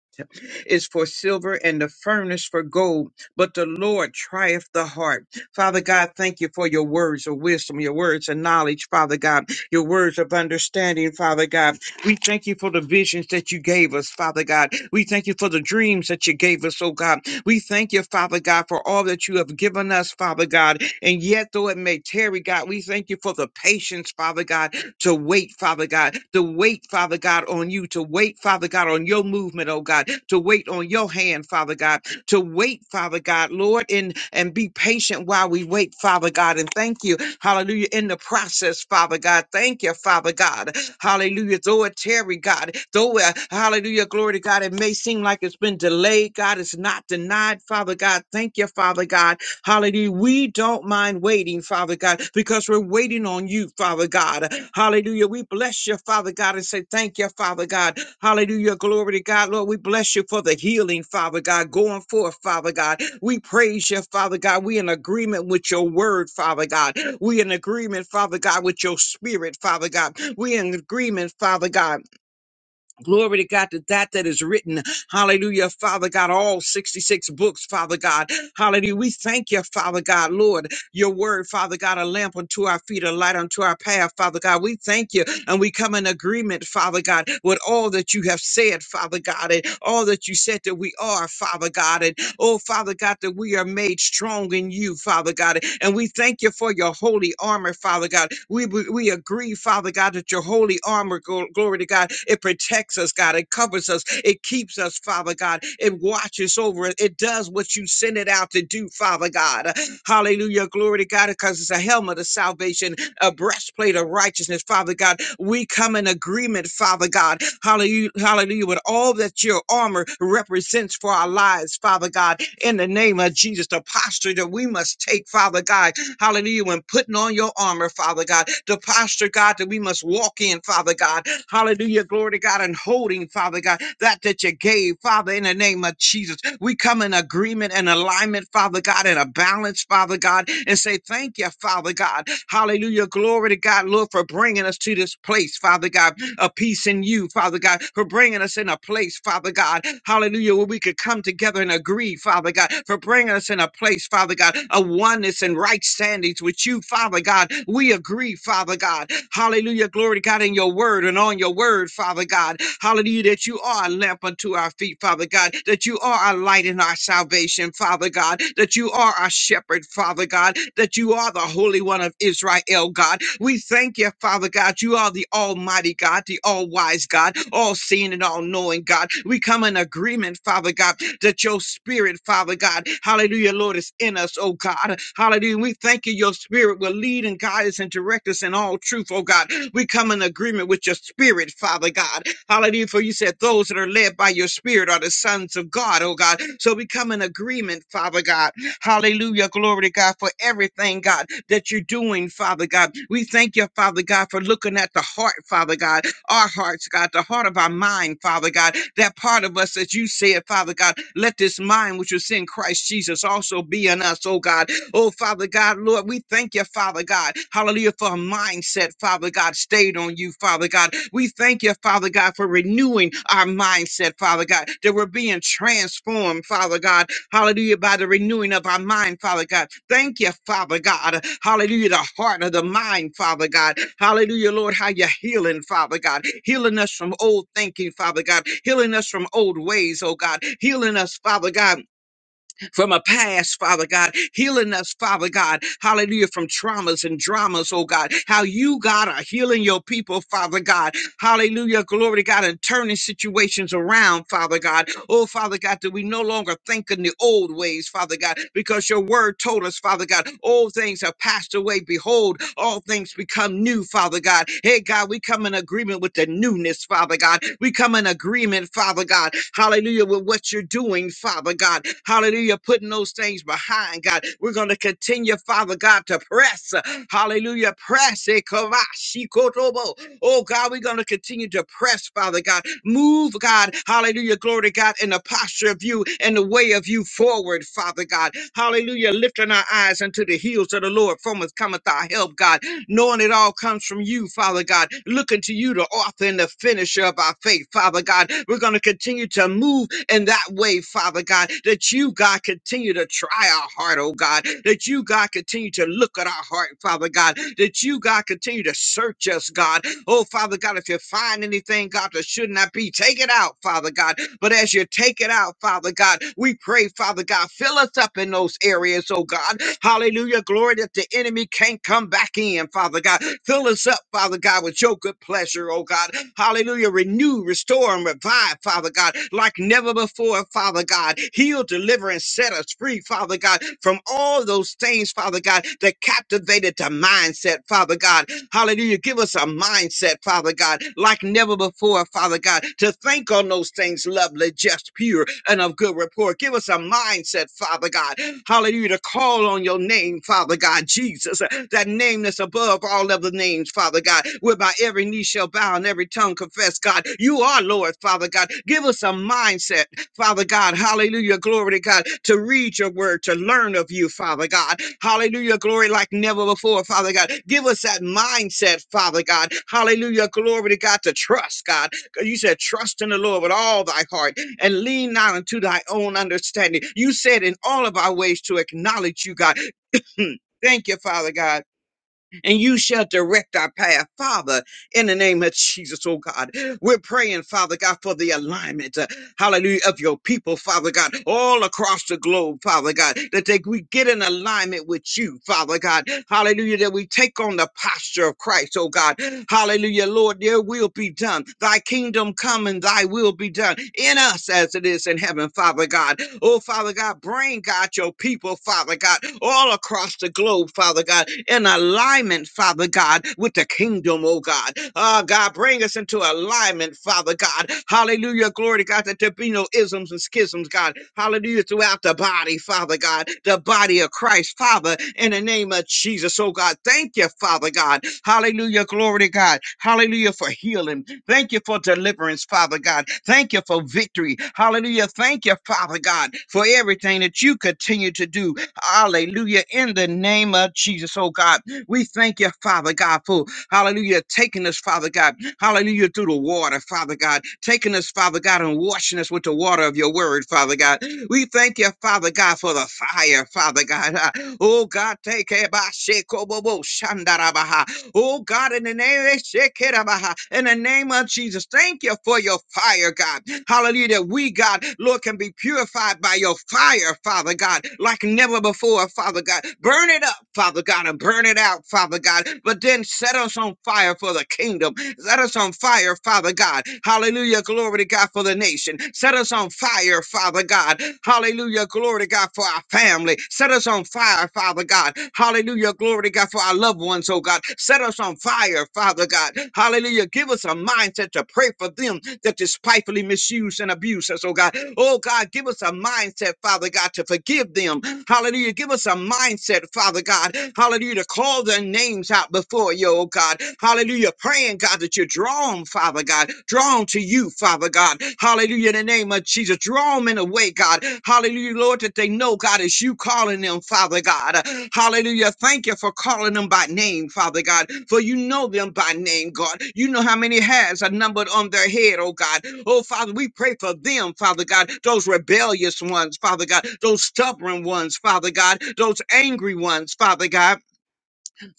D: is for silver and the furnace for gold, but the Lord trieth the heart. Father God, thank you for your words of wisdom, your words of knowledge, Father God, your words of understanding, Father God. We thank you for the visions that you gave us, Father God. We thank you for the dreams that you gave us, oh God. We thank you, Father God, for all that you have given us, Father God. And yet, though it may tarry, God, we thank you for the patience, Father God, to wait, Father God, to wait, Father God, on you, to wait, Father God, on your movement, oh God, to wait on your hand, Father God, to wait, Father God, Lord, and, and be patient while we wait, Father God. And thank you, hallelujah, in the process, Father God. Thank you, Father God. Hallelujah. Though it tarry, God, though, uh, hallelujah, glory to God, it may seem like it's been delayed, God, it's not denied, Father God. Thank you, Father God. Hallelujah. We don't mind waiting, Father God, because we're waiting on you, Father God. Hallelujah. We bless you, Father God, and say thank you, Father God. Hallelujah. Glory to God. Lord, we bless you for the healing, Father God, going forth, Father God. We praise you, Father God. We in agreement with your word, Father God. We in agreement, Father God, with your spirit, Father God. We in agreement, Father God Glory to God to that that is written. Hallelujah, Father God, all 66 books, Father God. Hallelujah. We thank you, Father God, Lord. Your word, Father God, a lamp unto our feet, a light unto our path, Father God. We thank you and we come in agreement, Father God, with all that you have said, Father God, and all that you said that we are, Father God. And Oh, Father God, that we are made strong in you, Father God. And we thank you for your holy armor, Father God. We, we we agree, Father God, that your holy armor, gl- glory to God, it protects us, God. It covers us. It keeps us, Father God. It watches over us. It does what you send it out to do, Father God. Hallelujah. Glory to God, because it's a helmet of salvation a breastplate of righteousness, Father God. We come in agreement, Father God. Hallelujah, hallelujah, with all that your armor represents for our lives, Father God. In the name of Jesus, the posture that we must take, Father God hallelujah, when putting on your armor, Father God, the posture, God, that we must walk in, Father God, hallelujah, glory to God, and holding, Father God, that that you gave, Father, in the name of Jesus. We come in agreement and alignment, Father God, and a balance, Father God, and say thank you, Father God, hallelujah, glory to God, Lord, for bringing us to this place, Father God, a peace in you, Father God, for bringing bringing us in a place, Father God, hallelujah, where we could come together and agree, Father God, for bringing us in a place, Father God, of oneness and right standings with you, Father God. We agree, Father God, hallelujah, glory to God, in your word and on your word, Father God, hallelujah, that you are a lamp unto our feet, Father God, that you are our light and our salvation, Father God, that you are our shepherd, Father. Father God, that you are the Holy One of Israel, God. We thank you, Father God. You are the Almighty God, the all wise God, all seeing and all knowing God. We come in agreement, Father God, that your spirit, Father God, hallelujah, Lord, is in us, oh God. Hallelujah. We thank you, your spirit will lead and guide us and direct us in all truth, oh God. We come in agreement with your spirit, Father God. Hallelujah. For you said those that are led by your spirit are the sons of God, oh God. So we come in agreement, Father God Hallelujah. Glory to God for everything, God, that you're doing, Father God. We thank you, Father God, for looking at the heart, Father God, our hearts, God, the heart of our mind, Father God, that part of us that you said, Father God, let this mind which was in Christ Jesus also be in us, oh God. Oh, Father God, Lord, we thank you, Father God. Hallelujah, for a mindset, Father God, stayed on you, Father God. We thank you, Father God, for renewing our mindset, Father God, that we're being transformed, Father God, Hallelujah. By the renewing of our mind, Father God. Thank you, Father God. Hallelujah. The heart of the mind, Father God. Hallelujah, Lord, how you're healing, Father God. Healing us from old thinking, Father God. Healing us from old ways, oh God. Healing us, Father God, from a past, Father God, healing us, Father God, hallelujah, from traumas and dramas, oh God, how you, God, are healing your people, Father God, Hallelujah. Glory to God. And turning situations around, Father God. Oh, Father God, that we no longer think in the old ways, Father God, because your word told us, Father God, old things have passed away. Behold, all things become new, Father God. Hey, God, we come in agreement with the newness, Father God. We come in agreement, Father God. Hallelujah, with what you're doing, Father God. Hallelujah, putting those things behind, God. We're going to continue, Father God, to press. Hallelujah, press. eh, kavashi kotobo. Oh God, we're going to continue to press, Father God. Move, God, hallelujah, glory to God, in the posture of you and the way of you forward, Father God. Hallelujah, lifting our eyes unto the heels of the Lord, from us cometh our help, God knowing it all comes from you, Father God. Looking to you, the author and the finisher of our faith, Father God. We're going to continue to move in that way, Father God, that you, God, continue to try our heart, oh God, that you, God, continue to look at our heart, Father God, that you, God, continue to search us, God. Oh, Father God, if you find anything, God, that should not be, take it out, Father God. But as you take it out, Father God, we pray, Father God, fill us up in those areas, oh God. Hallelujah glory that the enemy can't come back in, Father God. Fill us up, Father God, with your good pleasure, oh God. Hallelujah. Renew, restore, and revive, Father God, like never before, Father God. Heal, deliver, and set us free, Father God, from all those things, Father God, that captivated the mindset, Father God. Hallelujah. Give us a mindset, Father God, like never before, Father God, to think on those things lovely, just, pure, and of good report. Give us a mindset, Father God, Hallelujah. To call on your name, Father God, Jesus, uh, that name that's above all other names, Father God, whereby every knee shall bow and every tongue confess, God. You are Lord, Father God. Give us a mindset, Father God. Hallelujah. Glory to God. To read your word, to learn of you, Father God. Hallelujah. Glory like never before, Father God. Give us that mindset, Father God. Hallelujah. Glory to God. To trust, God. You said, trust in the Lord with all thy heart and lean not unto thy own understanding. You said in all of our ways to acknowledge you, God. Hmm. Thank you, Father God, and you shall direct our path, Father, in the name of Jesus, oh God. We're praying, Father God, for the alignment hallelujah, of your people, Father God, all across the globe, Father God, that they, we get in alignment with you, Father God, hallelujah, that we take on the posture of Christ, oh God, hallelujah, Lord, your will be done, thy kingdom come and thy will be done in us as it is in heaven, Father God, oh Father God, bring God your people, Father God, all across the globe, Father God, in alignment, Father God, with the kingdom kingdom, oh God. Ah, God, bring us into alignment, Father God. Hallelujah. Glory to God that there be no isms and schisms, God. Hallelujah. Throughout the body, Father God, the body of Christ, Father, in the name of Jesus, oh God. Thank you, Father God. Hallelujah. Glory to God. Hallelujah for healing. Thank you for deliverance, Father God. Thank you for victory. Hallelujah. Thank you, Father God, for everything that you continue to do. Hallelujah. In the name of Jesus, oh God. We thank you, Father God, for hallelujah, taking us, Father God, hallelujah, through the water, Father God, taking us, Father God, and washing us with the water of your word, Father God. We thank you, Father God, for the fire, Father God. Ah, Oh God, take care by Oh God, in the name of Shekerabaha, in the name of Jesus, thank you for your fire, God. Hallelujah. That we, God, Lord, can be purified by your fire, Father God, like never before, Father God. Burn it up, Father God, and burn it out, Father God. But then set us on fire for the kingdom. Set us on fire, Father God. Hallelujah. Glory to God for the nation. Set us on fire, Father God. Hallelujah. Glory to God, for our family. Set us on fire, Father God. Hallelujah. Glory to God for our loved ones, oh God. Set us on fire, Father God. Hallelujah. Give us a mindset to pray for them that despitefully misuse and abuse us, oh God. Oh God, give us a mindset, Father God, to forgive them. Hallelujah. Give us a mindset, Father God. Hallelujah. To call their names out before you, oh God. Hallelujah. Praying, God, that you draw them, Father God. Draw 'em to you, Father God. Hallelujah. In the name of Jesus, draw them in a way, God. Hallelujah, Lord, that they know, God, is you calling them, Father God. Hallelujah. Thank you for calling them by name, Father God, for you know them by name, God. You know how many hairs are numbered on their head, oh God. Oh, Father, we pray for them, Father God, those rebellious ones, Father God, those stubborn ones, Father God, those angry ones, Father God.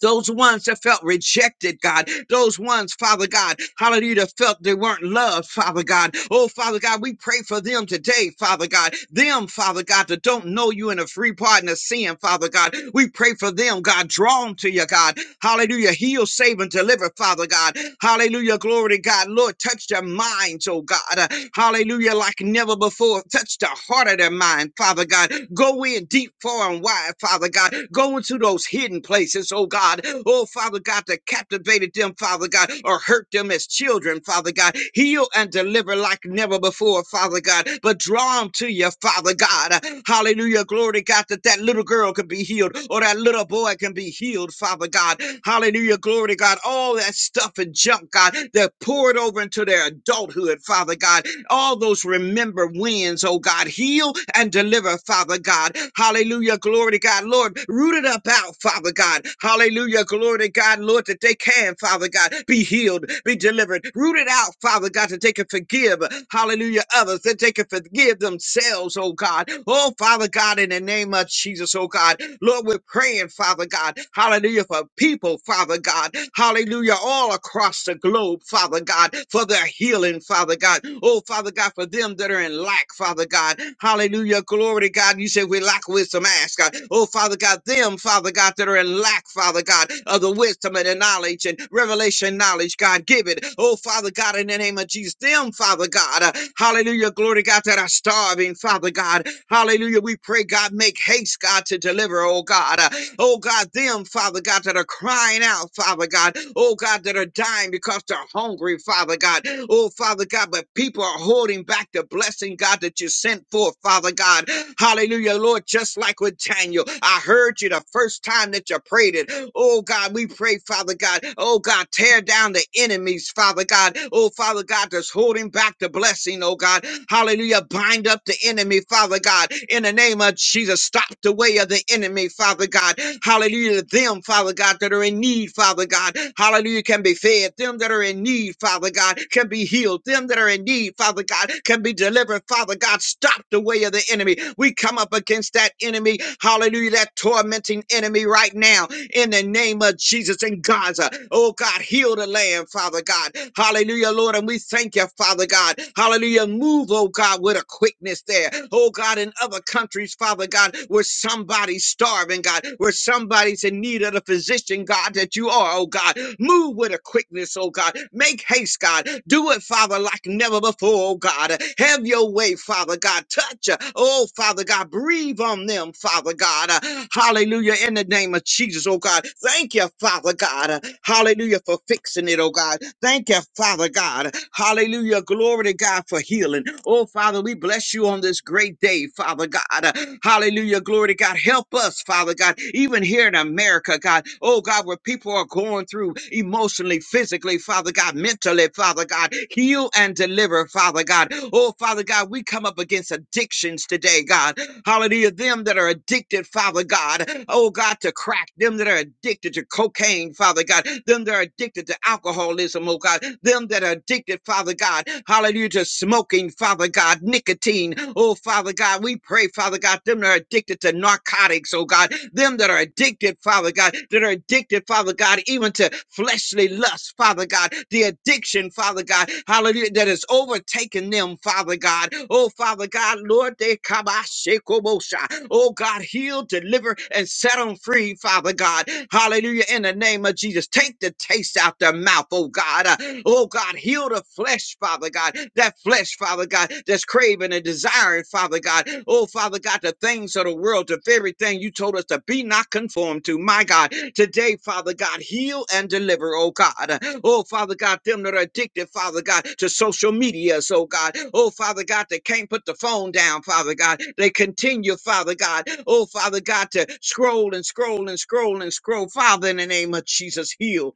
D: Those ones that felt rejected, God. Those ones, Father God, hallelujah, that felt they weren't loved, Father God. Oh, Father God, we pray for them today, Father God. Them, Father God, that don't know you in a free pardon of sin, Father God. We pray for them, God. Draw them to you, God. Hallelujah. Heal, save, and deliver, Father God. Hallelujah. Glory to God. Lord, touch their minds, oh God. Uh, Hallelujah. Like never before. Touch the heart of their mind, Father God. Go in deep, far, and wide, Father God. Go into those hidden places, oh God. Oh, Father God, that captivated them, Father God, or hurt them as children, Father God. Heal and deliver like never before, Father God. But draw them to you, Father God. Hallelujah. Glory to God that that little girl can be healed or that little boy can be healed, Father God. Hallelujah. Glory to God. All that stuff and junk, God, that poured over into into their adulthood, Father God. All those remember wins, oh God. Heal and deliver, Father God. Hallelujah. Glory to God, Lord. Root it up out, Father God. Hallelujah. Glory to God, Lord, that they can, Father God, be healed, be delivered. Root it out, Father God, that they can forgive. Hallelujah. Others, that they can forgive themselves, oh God. Oh, Father God, in the name of Jesus, oh God. Lord, we're praying, Father God. Hallelujah hallelujah, for people, Father God, hallelujah, all across the globe, Father God, for their healing, Father God. Oh, Father God, for them that are in lack, Father God, hallelujah, glory to God. You said we lack wisdom, ask God. Oh, Father God, them, Father God, that are in lack, Father God, of the wisdom and the knowledge and revelation knowledge, God, give it. Oh, Father God, in the name of Jesus, them, Father God, uh, hallelujah, glory to God, that are starving, Father God, Hallelujah. We pray, God, make haste, God, to deliver, oh God. Uh, oh God, them, Father God, that are crying out, Father God. Oh God, that are dying because they're hungry, Father God. Oh Father God, but people are holding back the blessing, God, that you sent forth, Father God. Hallelujah, Lord, just like with Daniel. I heard you the first time that you prayed it. Oh God, we pray, Father God. Oh God, tear down the enemies, Father God. Oh Father God, that's holding back the blessing, oh God. Hallelujah, bind bind up the enemy, Father God, in the name of Jesus. Stop the way of the enemy, Father God. Hallelujah. Them, Father God, that are in need, Father God. Hallelujah, can be fed. Them that are in need, Father God, can be healed. Them that are in need, Father God, can be delivered, Father God. Stop the way of the enemy. We come up against that enemy, hallelujah, that tormenting enemy right now in the name of Jesus in Gaza. Oh God, heal the land, Father God. Hallelujah, Lord. And we thank you, Father God. Hallelujah move, oh God, with a quickness there. Oh God, in other countries, Father God, where somebody's starving, God, where somebody's in need of the physician, God, that you are, oh God. Move with a quickness, oh God. Make haste, God. Do it, Father, like never before, oh God. Have your way, Father God. Touch, uh, oh Father God. Breathe on them, Father God. Uh, Hallelujah. In the name of Jesus, oh God. Thank you, Father God. Uh, Hallelujah, for fixing it, oh God. Thank you, Father God. Hallelujah Hallelujah. Glory to God for healing. Oh, Father, we bless you on this great day, Father God. Uh, Hallelujah. Glory to God. Help us, Father God, even here in America, God. Oh, God, where people are going through emotionally, physically, Father God, mentally, Father God. Heal and deliver, Father God. Oh, Father God, we come up against addictions today, God. Hallelujah. Them that are addicted, Father God. Oh, God, to crack. Them that are addicted to cocaine, Father God. Them that are addicted to alcoholism, oh, God. Them that are addicted, Father God. Hallelujah to smoking, Father God, nicotine. Oh, Father God, we pray, Father God, them that are addicted to narcotics, oh God, them that are addicted, Father God, that are addicted, Father God, even to fleshly lust, Father God, the addiction, Father God, hallelujah, that has overtaken them, Father God. Oh, Father God, Lord, they come, I shake, oh, most high. Oh, God, heal, deliver, and set them free, Father God. Hallelujah, in the name of Jesus. Take the taste out their mouth, oh God. Uh, Oh God, heal the flesh, Father God. That flesh, Father God, that's craving and desiring, Father God. Oh Father God, the things of the world, the very thing you told us to be not conformed to. My God, today, Father God, heal and deliver, oh God. Uh, Oh Father God, them that are addicted, Father God, to social media, oh God. Oh Father God, they can't put the phone down, Father God. They continue, Father God. Oh Father God, to scroll and scroll and scroll and scroll. Father, in the name of Jesus, heal.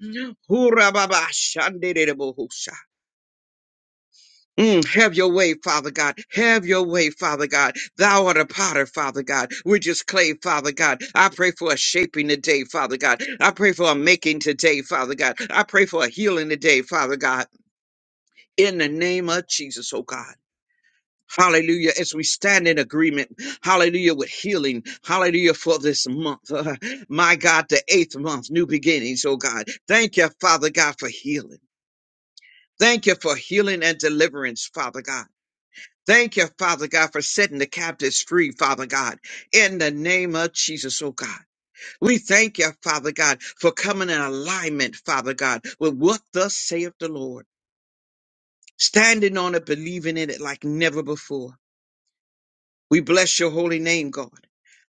D: Hurababashandididibusha. Mm, have your way, Father God. Have your way, Father God. Thou art a potter, Father God. We're just clay, Father God. I pray for a shaping today, Father God. I pray for a making today, Father God. I pray for a healing today, Father God. In the name of Jesus, oh God. Hallelujah. As we stand in agreement, hallelujah, with healing, hallelujah, for this month. my God, the eighth month, new beginnings, oh God. Thank you, Father God, for healing. Thank you for healing and deliverance, Father God. Thank you, Father God, for setting the captives free, Father God, in the name of Jesus, oh God. We thank you, Father God, for coming in alignment, Father God, with what thus saith the Lord, standing on it, believing in it like never before. We bless your holy name, God.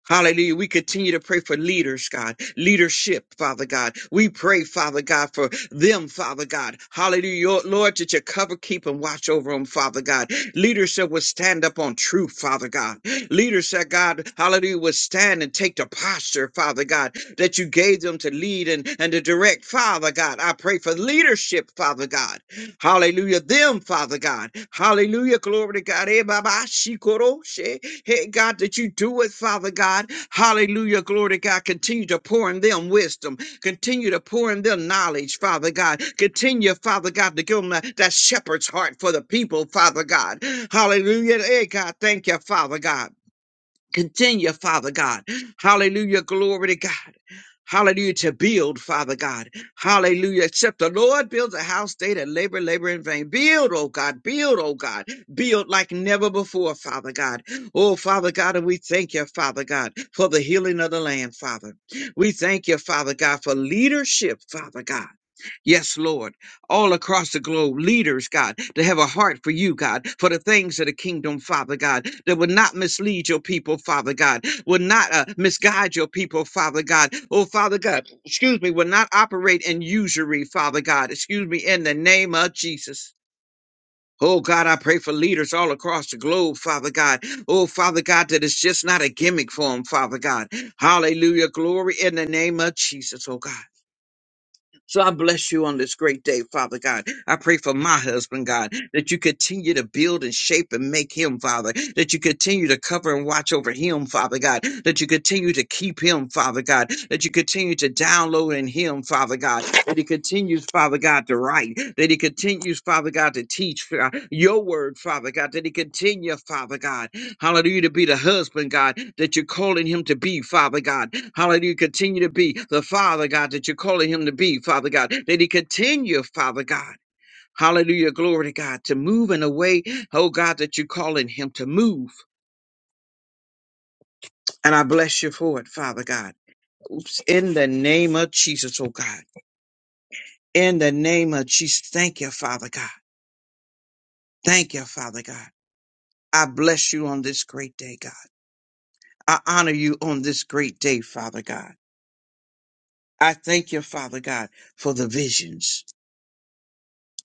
D: Hallelujah. We continue to pray for leaders, God, leadership, Father God. We pray, Father God, for them, Father God. Hallelujah. Lord, that you cover, keep, and watch over them, Father God. Leadership will stand up on truth, Father God. Leadership, God, hallelujah, will stand and take the posture, Father God, that you gave them to lead and, and to direct, Father God. I pray for leadership, Father God. Hallelujah. Them, Father God. Hallelujah. Glory to God. Eh, ba, ba, shi, she. Hey, God, that you do it, Father God. Hallelujah. Glory to God. Continue to pour in them wisdom. Continue to pour in them knowledge, Father God. Continue, Father God, to give them that, that shepherd's heart for the people, Father God. Hallelujah. Hey, God, thank you, Father God. Continue, Father God. Hallelujah. Glory to God. Hallelujah, to build, Father God. Hallelujah. Except the Lord builds a house, they that labor, labor in vain. Build, oh God, build, oh God. Build like never before, Father God. Oh, Father God, and we thank you, Father God, for the healing of the land, Father. We thank you, Father God, for leadership, Father God. Yes, Lord. All across the globe, leaders, God, to have a heart for you, God, for the things of the kingdom, Father God, that will not mislead your people, Father God, will not uh, misguide your people, Father God. Oh, Father God, excuse me, will not operate in usury, Father God. Excuse me, in the name of Jesus. Oh God, I pray for leaders all across the globe, Father God. Oh Father God, that it's just not a gimmick for them, Father God. Hallelujah. Glory in the name of Jesus, oh God. So I bless you on this great day, Father God. I pray for my husband, God, that you continue to build and shape and make him, Father, that you continue to cover and watch over him, Father God, that you continue to keep him, Father God, that you continue to download in him, Father God, that he continues, Father God, to write, that he continues, Father God, to teach uh, your word, Father God, that he continue, Father God. Hallelujah, to be the husband, God, that you're calling him to be, Father God. Hallelujah, continue to be the Father, God, that you're calling him to be, Father God. That he continue, Father God. Hallelujah, glory to God, to move in a way, oh God, that you're calling him to move. And I bless you for it, Father God. In the name of Jesus, oh God. In the name of Jesus, thank you, Father God. Thank you, Father God. I bless you on this great day, God. I honor you on this great day, Father God. I thank you, Father God, for the visions.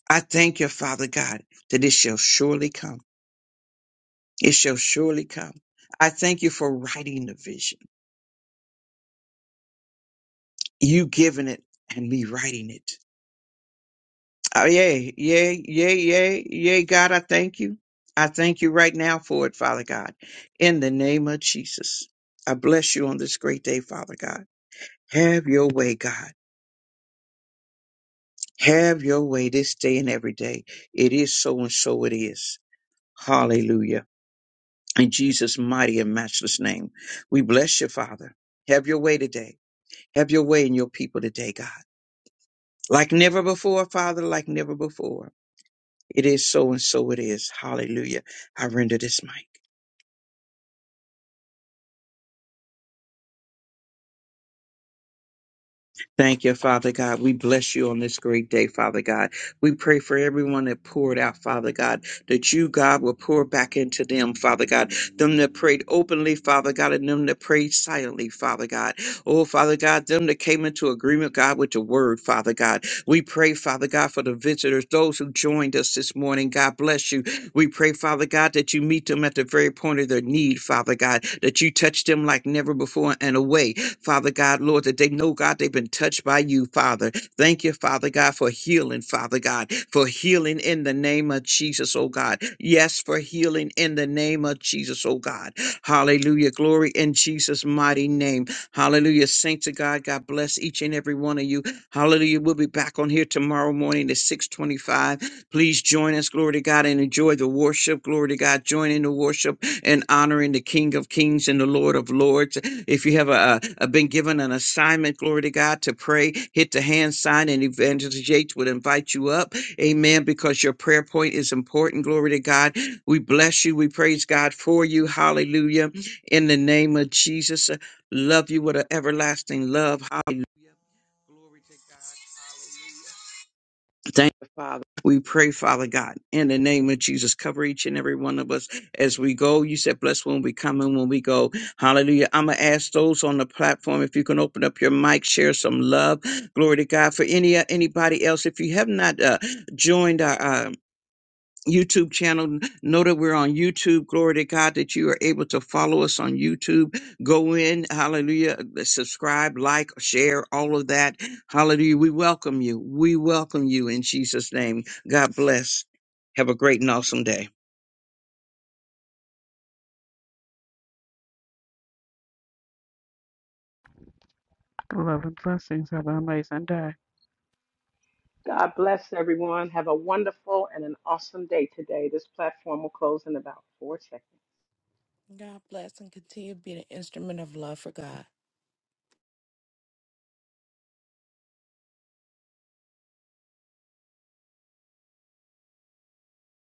D: I thank you, Father God, that it shall surely come. It shall surely come. I thank you for writing the vision, you giving it and me writing it. Oh, yay, yay, yay, yay, yay, God, I thank you. I thank you right now for it, Father God, in the name of Jesus. I bless you on this great day, Father God. Have your way, God. Have your way this day and every day. It is so and so it is. Hallelujah. In Jesus' mighty and matchless name, we bless you, Father. Have your way today. Have your way in your people today, God. Like never before, Father, like never before. It is so and so it is. Hallelujah. I render this mic. Thank you, Father God. We bless you on this great day, Father God. We pray for everyone that poured out, Father God, that you, God, will pour back into them, Father God. Them that prayed openly, Father God, and them that prayed silently, Father God. Oh, Father God, them that came into agreement, God, with the word, Father God. We pray, Father God, for the visitors, those who joined us this morning. God bless you. We pray, Father God, that you meet them at the very point of their need, Father God, that you touch them like never before and away. Father God, Lord, that they know, God, they've been touched by you, Father. Thank you, Father God, for healing, Father God, for healing in the name of Jesus, oh God. Yes, for healing in the name of Jesus, oh God. Hallelujah. Glory in Jesus' mighty name. Hallelujah. Saints of God, God bless each and every one of you. Hallelujah. We'll be back on here tomorrow morning at 625. Please join us, glory to God, and enjoy the worship. Glory to God. Join in the worship and honoring the King of Kings and the Lord of Lords. If you have uh uh uh, been given an assignment, glory to God, to pray, hit the hand sign, and Evangelist Yates would invite you up. Amen. Because your prayer point is important. Glory to God. We bless you. We praise God for you. Hallelujah. In the name of Jesus, uh, love you with an everlasting love. Hallelujah. Glory to God. Hallelujah. Thank you, Father. We pray, Father God, in the name of Jesus, cover each and every one of us as we go. You said, bless when we come and when we go. Hallelujah. I'm going to ask those on the platform if you can open up your mic, share some love. Glory to God. For any uh, anybody else, if you have not uh, joined our, uh, YouTube channel. Know that we're on YouTube. Glory to God that you are able to follow us on YouTube. Go in, hallelujah, uh, subscribe, like, share, all of that. Hallelujah. We welcome you. We welcome you in Jesus' name. God bless. Have a great and awesome day.
B: Love and blessings. Have an amazing day.
A: God bless everyone. Have a wonderful and an awesome day today. This platform will close in about four seconds.
C: God bless and continue to be an instrument of love for God.